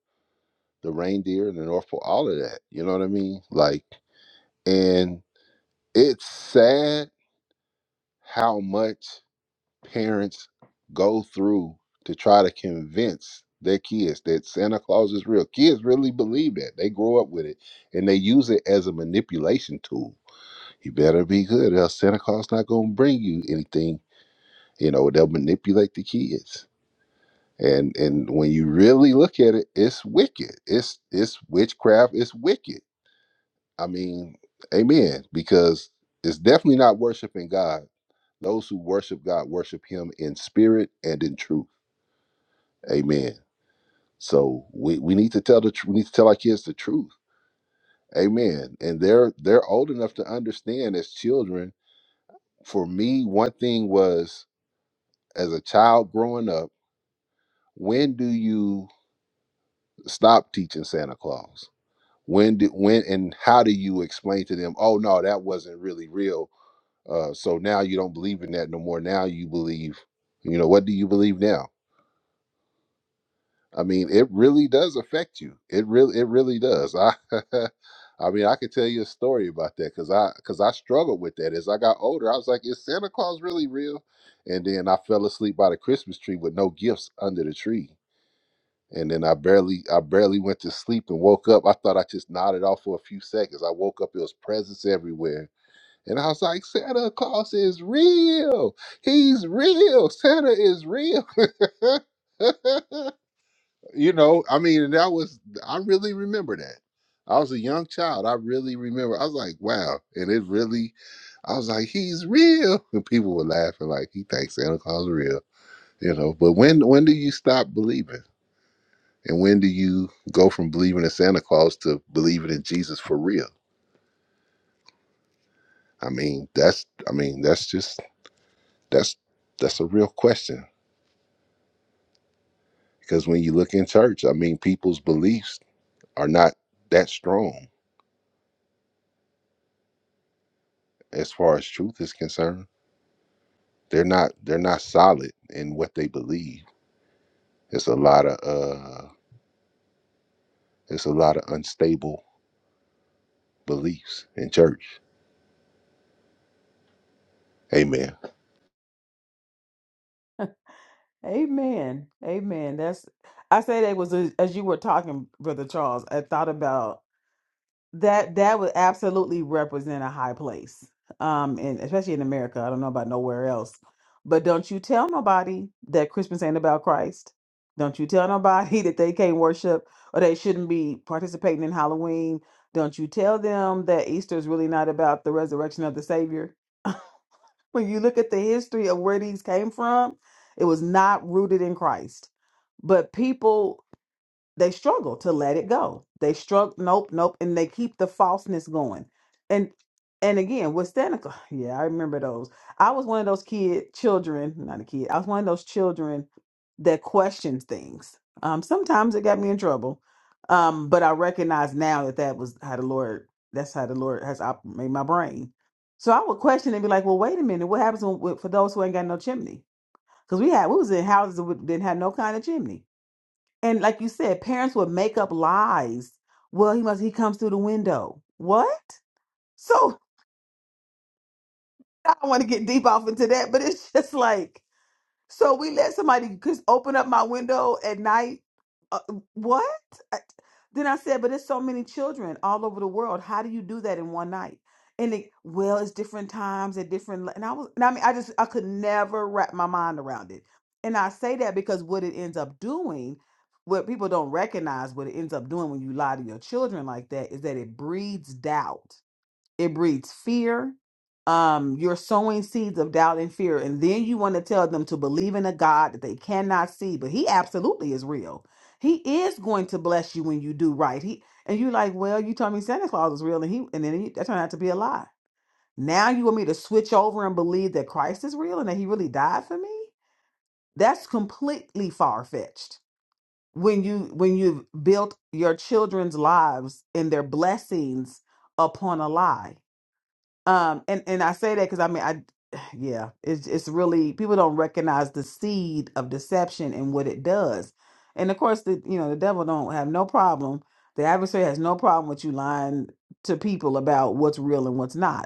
Speaker 3: the reindeer and the North Pole, all of that. You know what I mean? Like, and it's sad how much parents go through to try to convince their kids that Santa Claus is real. Kids really believe that. They grow up with it and they use it as a manipulation tool You better be good, or else Santa Claus not gonna bring you anything. You know, they'll manipulate the kids. And and when you really look at it, it's wicked. It's it's witchcraft, it's wicked. I mean, amen. Because it's definitely not worshiping God. Those who worship God worship him in spirit and in truth. Amen. So we, we need to tell the tr- we need to tell our kids the truth. Amen. And they're they're old enough to understand as children. For me, one thing was as a child growing up, when do you stop teaching Santa Claus? When did when and how do you explain to them, oh no, that wasn't really real. Uh, so now you don't believe in that no more. Now you believe, you know, what do you believe now? I mean, it really does affect you. It really it really does. I I mean, I could tell you a story about that because I because I struggled with that as I got older. I was like, is Santa Claus really real? And then I fell asleep by the Christmas tree with no gifts under the tree and then I barely I barely went to sleep and woke up. I thought I just nodded off for a few seconds. I woke up, it was presents everywhere. And I was like, Santa Claus is real. He's real. Santa is real. you know, I mean, and that was I really remember that. I was a young child. I really remember. I was like, wow. And it really, I was like, he's real. And people were laughing like, he thinks Santa Claus is real. You know, but when when do you stop believing? And when do you go from believing in Santa Claus to believing in Jesus for real? I mean, that's I mean, that's just that's that's a real question. Because when you look in church, I mean people's beliefs are not that strong as far as truth is concerned. They're not they're not solid in what they believe. It's a lot of uh it's a lot of unstable beliefs in church. Amen.
Speaker 1: Amen. Amen. That's I say that was as, as you were talking, Brother Charles. I thought about that that would absolutely represent a high place. Um, and especially in America. I don't know about nowhere else. But don't you tell nobody that Christmas ain't about Christ. Don't you tell nobody that they can't worship or they shouldn't be participating in Halloween. Don't you tell them that Easter is really not about the resurrection of the Savior. When you look at the history of where these came from, it was not rooted in Christ. But people they struggle to let it go. They struggle, nope, nope, and they keep the falseness going. And and again with Stanica, yeah, I remember those. I was one of those kid children, not a kid. I was one of those children that questioned things. Um, sometimes it got me in trouble, um, but I recognize now that that was how the Lord. That's how the Lord has op- made my brain. So I would question and be like, "Well, wait a minute. What happens when, for those who ain't got no chimney? Because we had we was in houses that didn't have no kind of chimney." And like you said, parents would make up lies. Well, he must he comes through the window. What? So I don't want to get deep off into that, but it's just like so we let somebody just open up my window at night. Uh, what? I- Then I said, but there's so many children all over the world. How do you do that in one night? And they, well, it's different times at different. li-" And I was, and I mean, I just, I could never wrap my mind around it. And I say that because what it ends up doing, what people don't recognize, what it ends up doing when you lie to your children like that, is that it breeds doubt it breeds fear um you're sowing seeds of doubt and fear and then you want to tell them to believe in a god that they cannot see but he absolutely is real he is going to bless you when you do right he and you like well you told me santa claus is real and he and then he, that turned out to be a lie now you want me to switch over and believe that christ is real and that he really died for me that's completely far-fetched when you when you've built your children's lives and their blessings upon a lie um, and and I say that because I mean I, yeah, it's it's really people don't recognize the seed of deception and what it does, and of course the you know the devil don't have no problem, the adversary has no problem with you lying to people about what's real and what's not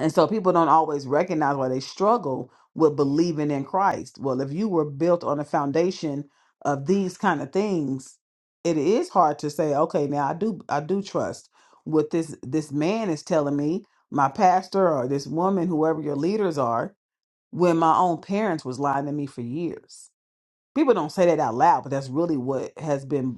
Speaker 1: and so people don't always recognize why they struggle with believing in Christ. Well, if you were built on a foundation of these kind of things, it is hard to say, okay, now I do I do trust what this this man is telling me, my pastor or this woman, whoever your leaders are, when my own parents was lying to me for years. People don't say that out loud, but that's really what has been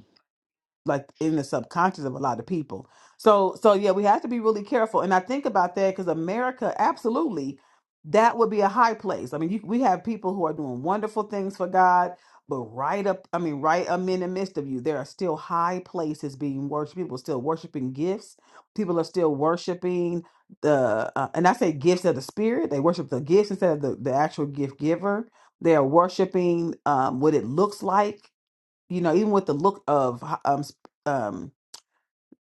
Speaker 1: like in the subconscious of a lot of people. So so yeah, we have to be really careful. And I think about that because America, absolutely, that would be a high place. I mean, you, we have people who are doing wonderful things for God, but right up, I mean, right um in the midst of you, there are still high places being worshipped. People still worshiping gifts. People are still worshiping the, uh, and I say gifts of the spirit. They worship the gifts instead of the, the actual gift giver. They are worshiping um, what it looks like you know, even with the look of um s- um,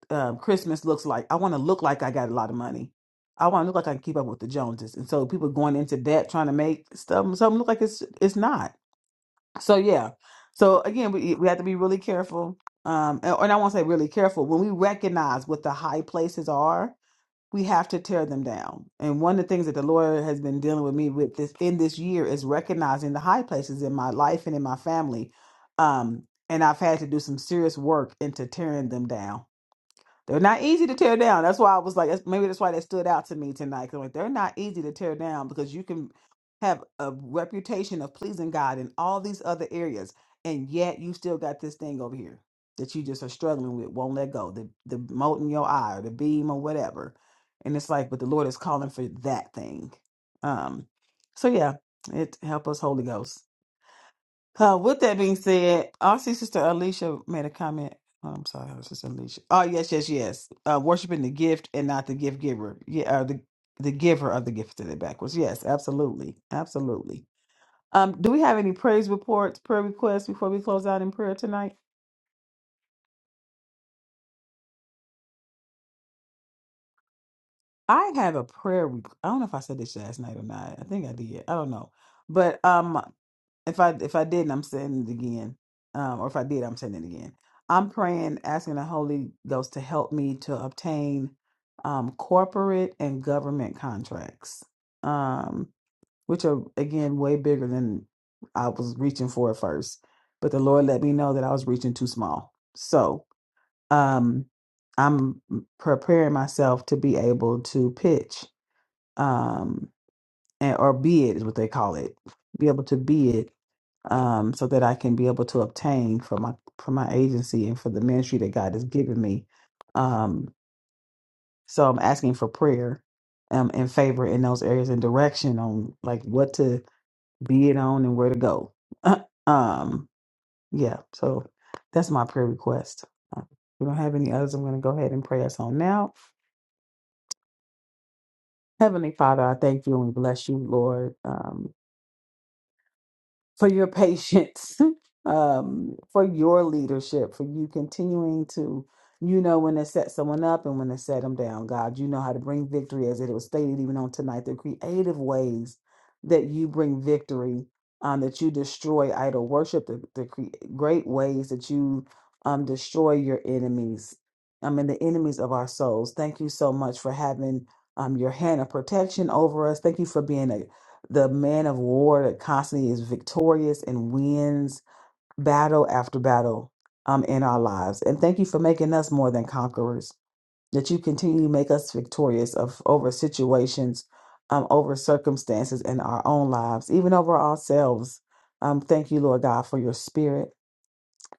Speaker 1: um Christmas looks like, I want to look like I got a lot of money. I want to look like I can keep up with the Joneses. And so people going into debt trying to make stuff something look like it's it's not. So yeah. So again, we we have to be really careful. Um, and, and I want to say really careful when we recognize what the high places are we have to tear them down. And one of the things that the Lord has been dealing with me with this in this year is recognizing the high places in my life and in my family. Um, and I've had to do some serious work into tearing them down they're not easy to tear down. That's why I was like, that's, maybe that's why they stood out to me tonight. 'cause I'm like, they're not easy to tear down because you can have a reputation of pleasing God in all these other areas, and yet you still got this thing over here that you just are struggling with, won't let go. The the mote in your eye or the beam or whatever, and it's like, but the Lord is calling for that thing. Um, so yeah, it help us, Holy Ghost. Uh, with that being said, I Sister Alicia made a comment. Oh, I'm sorry, her Sister Alicia. Oh, yes, yes, yes. Uh, worshiping the gift and not the gift giver. Yeah, or the the giver of the gift to the backwards. Yes, absolutely, absolutely. Um, do we have any praise reports, prayer requests before we close out in prayer tonight? I have a prayer. Re- I don't know if I said this last night or not. I think I did. I don't know. But um, If I if I didn't, I'm saying it again. Um, or if I did, I'm saying it again. I'm praying, asking the Holy Ghost to help me to obtain um, corporate and government contracts, um, which are again way bigger than I was reaching for at first. But the Lord let me know that I was reaching too small. So um, I'm preparing myself to be able to pitch. Um, and or be it is what they call it. Be able to be it um, so that I can be able to obtain for my for my agency and for the ministry that God has given me. Um, so I'm asking for prayer um, and favor in those areas and direction on like what to be it on and where to go. um, yeah, so that's my prayer request. Um, If we don't have any others, I'm going to go ahead and pray us on now. Heavenly Father, I thank you and we bless you, Lord. Um. for your patience, um, for your leadership, for you continuing to, you know, when to set someone up and when to set them down. God, you know how to bring victory, as it was stated even on tonight. The creative ways that you bring victory, um, that you destroy idol worship, the, the cre- great ways that you um, destroy your enemies. I mean, the enemies of our souls. Thank you so much for having um, your hand of protection over us. Thank you for being the man of war that constantly is victorious and wins battle after battle um, in our lives. And thank you for making us more than conquerors, that you continue to make us victorious of over situations, um, over circumstances in our own lives, even over ourselves. Um, thank you, Lord God, for your spirit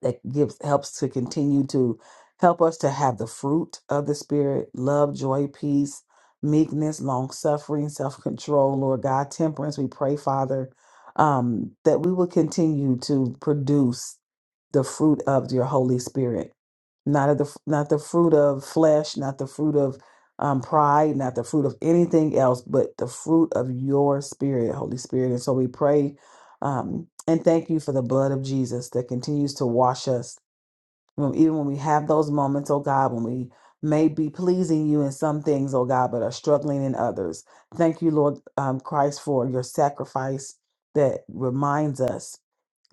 Speaker 1: that gives helps to continue to help us to have the fruit of the spirit love joy peace meekness long suffering self control lord god temperance we pray father um that we will continue to produce the fruit of your holy spirit not of the not the fruit of flesh, not the fruit of um, pride, not the fruit of anything else, but the fruit of your spirit, Holy Spirit. And so we pray um, and thank you for the blood of Jesus that continues to wash us, When- even when we have those moments, oh God, when we may be pleasing you in some things, oh God, but are struggling in others. Thank you, Lord um, Christ, for your sacrifice that reminds us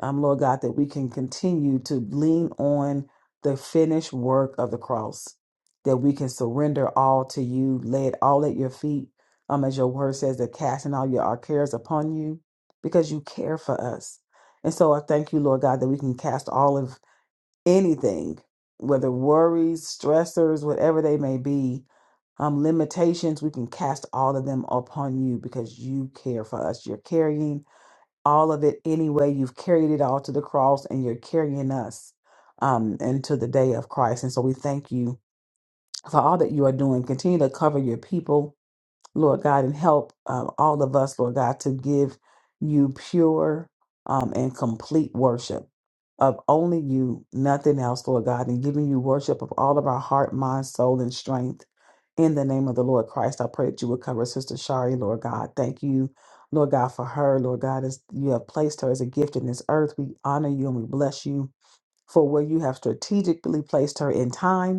Speaker 1: um, Lord God, that we can continue to lean on the finished work of the cross, that we can surrender all to you, lay it all at your feet. Um, as your word says, that casting all your our cares upon you, because you care for us. And so I thank you, Lord God, that we can cast all of anything, whether worries, stressors, whatever they may be, um, limitations, we can cast all of them upon you because you care for us. You're carrying all of it anyway. You've carried it all to the cross and you're carrying us um, into the day of Christ. And so we thank you for all that you are doing. Continue to cover your people Lord God, and help um, all of us, Lord God, to give you pure um, and complete worship of only you, nothing else, Lord God, and giving you worship of all of our heart, mind, soul, and strength. In the name of the Lord Christ, I pray that you would cover Sister Shari, Lord God. Thank you, Lord God, for her, Lord God, as you have placed her as a gift in this earth. We honor you and we bless you for where you have strategically placed her in time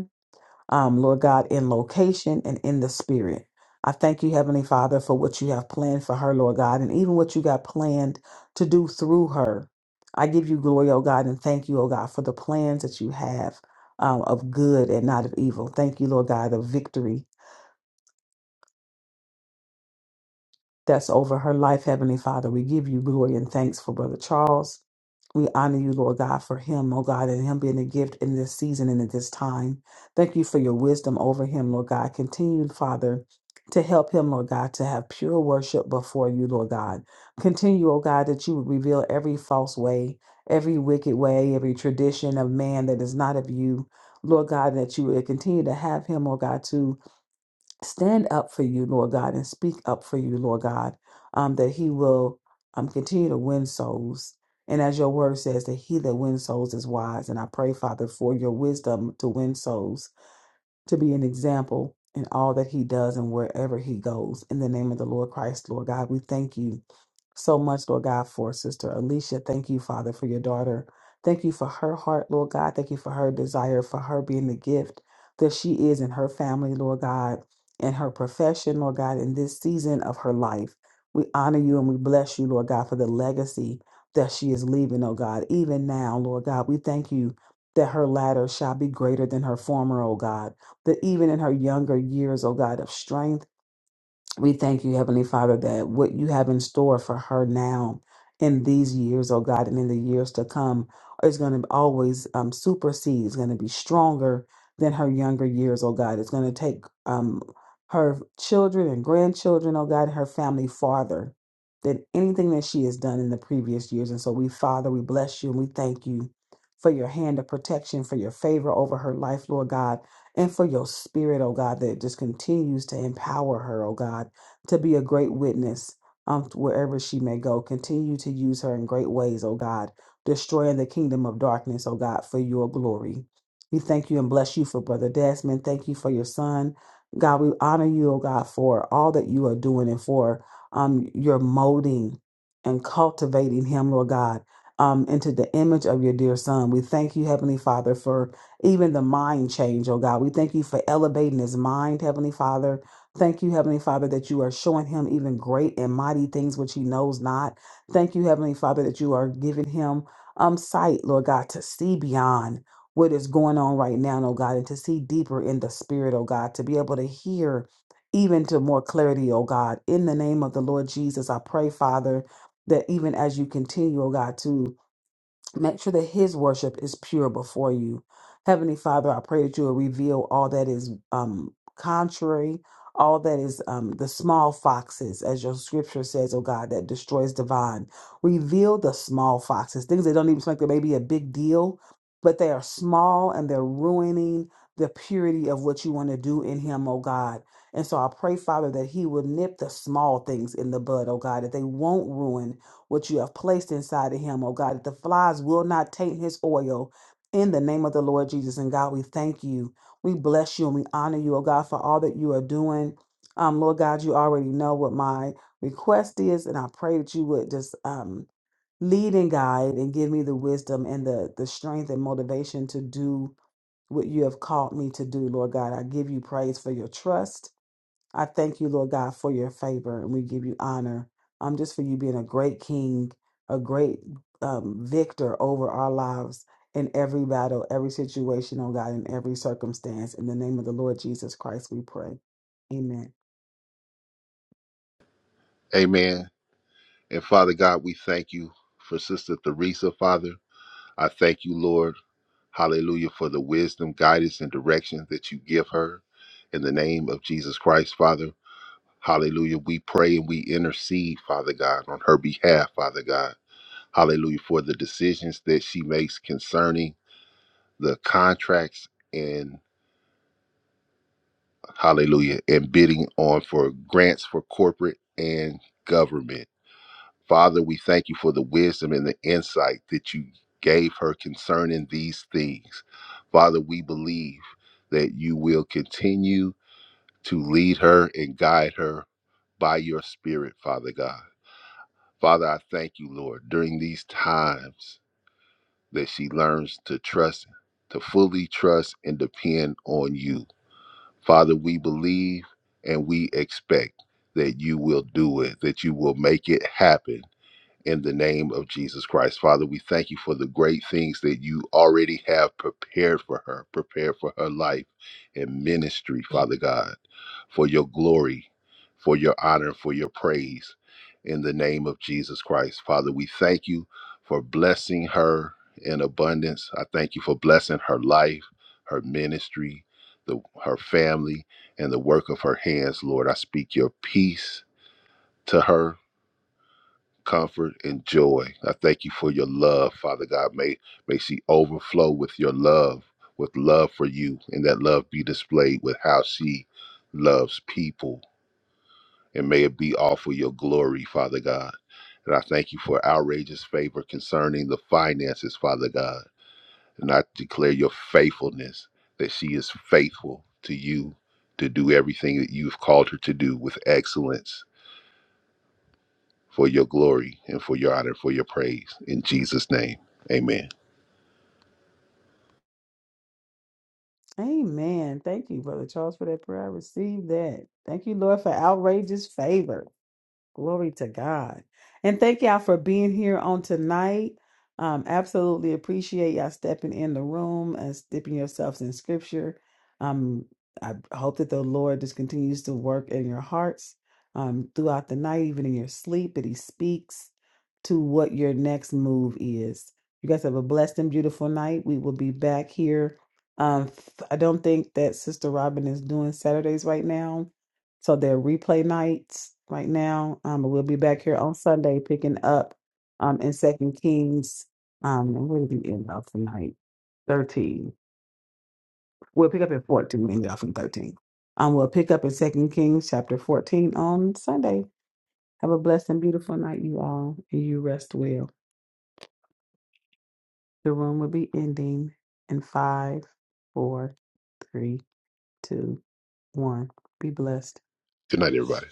Speaker 1: um, Lord God, in location and in the spirit. I thank you, Heavenly Father, for what you have planned for her, Lord God, and even what you got planned to do through her. I give you glory, oh God, and thank you, oh God, for the plans that you have um, of good and not of evil. Thank you, Lord God, of victory that's over her life, Heavenly Father. We give you glory and thanks for Brother Charles. We honor you, Lord God, for him, oh God, and him being a gift in this season and at this time. Thank you for your wisdom over him, Lord God. Continue, Father, to help him, Lord God, to have pure worship before you, Lord God. Continue, oh God, that you would reveal every false way, every wicked way, every tradition of man that is not of you, Lord God, that you would continue to have him, oh God, to stand up for you, Lord God, and speak up for you, Lord God, um, that he will um, continue to win souls. And as your word says, that he that wins souls is wise. And I pray, Father, for your wisdom to win souls, to be an example in all that he does and wherever he goes. In the name of the Lord Christ, Lord God, we thank you so much, Lord God, for Sister Alicia. Thank you, Father, for your daughter. Thank you for her heart, Lord God. Thank you for her desire, for her being the gift that she is in her family, Lord God, in her profession, Lord God, in this season of her life. We honor you and we bless you, Lord God, for the legacy that she is leaving, oh God. Even now, Lord God, we thank you that her latter shall be greater than her former, oh God. That even in her younger years, oh God, of strength, we thank you, Heavenly Father, that what you have in store for her now in these years, oh God, and in the years to come is going to always um, supersede, it's going to be stronger than her younger years, oh God. It's going to take um, her children and grandchildren, oh God, and her family farther than anything that she has done in the previous years. And so we, Father, we bless you and we thank you for your hand of protection, for your favor over her life, Lord God and for your spirit, oh God, that just continues to empower her, oh God, to be a great witness um, wherever she may go. Continue to use her in great ways, oh God, destroying the kingdom of darkness, oh God, for your glory. We thank you and bless you for Brother Desmond. Thank you for your son. God, we honor you, oh God, for all that you are doing and for um, your molding and cultivating him, Lord God, um, into the image of your dear son. We thank you, Heavenly Father, for even the mind change, oh God. We thank you for elevating his mind, Heavenly Father. Thank you, Heavenly Father, that you are showing him even great and mighty things which he knows not. Thank you, Heavenly Father, that you are giving him um sight, Lord God, to see beyond what is going on right now, oh God, and to see deeper in the spirit, oh God, to be able to hear even to more clarity, oh God. In the name of the Lord Jesus, I pray, Father, that even as you continue, oh God, to Make sure that his worship is pure before you. Heavenly Father, I pray that you will reveal all that is um, contrary, all that is um, the small foxes, as your scripture says, oh God, that destroys divine. Reveal the small foxes, things that don't even seem like they may be a big deal, but they are small and they're ruining the purity of what you want to do in him, oh God. And so I pray, Father, that he will nip the small things in the bud, oh God, that they won't ruin what you have placed inside of him, oh God, that the flies will not taint his oil in the name of the Lord Jesus. And God, we thank you. We bless you and we honor you, oh God, for all that you are doing. Um, Lord God, you already know what my request is, and I pray that you would just um, lead and guide and give me the wisdom and the, the strength and motivation to do what you have called me to do, Lord God. I give you praise for your trust. I thank you, Lord God, for your favor, and we give you honor. Um, just for you being a great king, a great um, victor over our lives in every battle, every situation, oh God, in every circumstance. In the name of the Lord Jesus Christ, we pray. Amen.
Speaker 3: Amen. And Father God, we thank you for Sister Theresa, Father. I thank you, Lord, hallelujah, for the wisdom, guidance, and direction that you give her. In the name of Jesus Christ, Father, hallelujah, we pray and we intercede, Father God, on her behalf, Father God, hallelujah, for the decisions that she makes concerning the contracts and, hallelujah, and bidding on for grants for corporate and government. Father, we thank you for the wisdom and the insight that you gave her concerning these things. Father, we believe that you will continue to lead her and guide her by your spirit, Father God. Father, I thank you, Lord, during these times that she learns to trust, to fully trust and depend on you. Father, we believe and we expect that you will do it, that you will make it happen in the name of Jesus Christ. Father, we thank you for the great things that you already have prepared for her, prepared for her life and ministry, Father God, for your glory, for your honor, for your praise in the name of Jesus Christ. Father, we thank you for blessing her in abundance. I thank you for blessing her life, her ministry, the, her family, and the work of her hands, Lord. I speak your peace to her comfort and joy. I thank you for your love, Father God. May may she overflow with your love, with love for you, and that love be displayed with how she loves people. And may it be all for your glory, Father God. And I thank you for outrageous favor concerning the finances, Father God. And I declare your faithfulness that she is faithful to you to do everything that you've called her to do with excellence for your glory and for your honor, for your praise. In Jesus' name, amen.
Speaker 1: Amen. Thank you, Brother Charles, for that prayer. I received that. Thank you, Lord, for outrageous favor. Glory to God. And thank y'all for being here on tonight. Um, absolutely appreciate y'all stepping in the room and dipping yourselves in scripture. Um, I hope that the Lord just continues to work in your hearts um, throughout the night, even in your sleep, that He speaks to what your next move is. You guys have a blessed and beautiful night. We will be back here. Um, I don't think that Sister Robin is doing Saturdays right now so they're replay nights right now. Um, but we'll be back here on Sunday picking up um in Second Kings. Um, and where did we end off tonight? Thirteen. We'll pick up in fourteen. We ended off in thirteen. Um, we'll pick up in Second Kings chapter fourteen on Sunday. Have a blessed and beautiful night, you all, and you rest well. The room will be ending in five, four, three, two, one. Be blessed.
Speaker 3: Good night, everybody.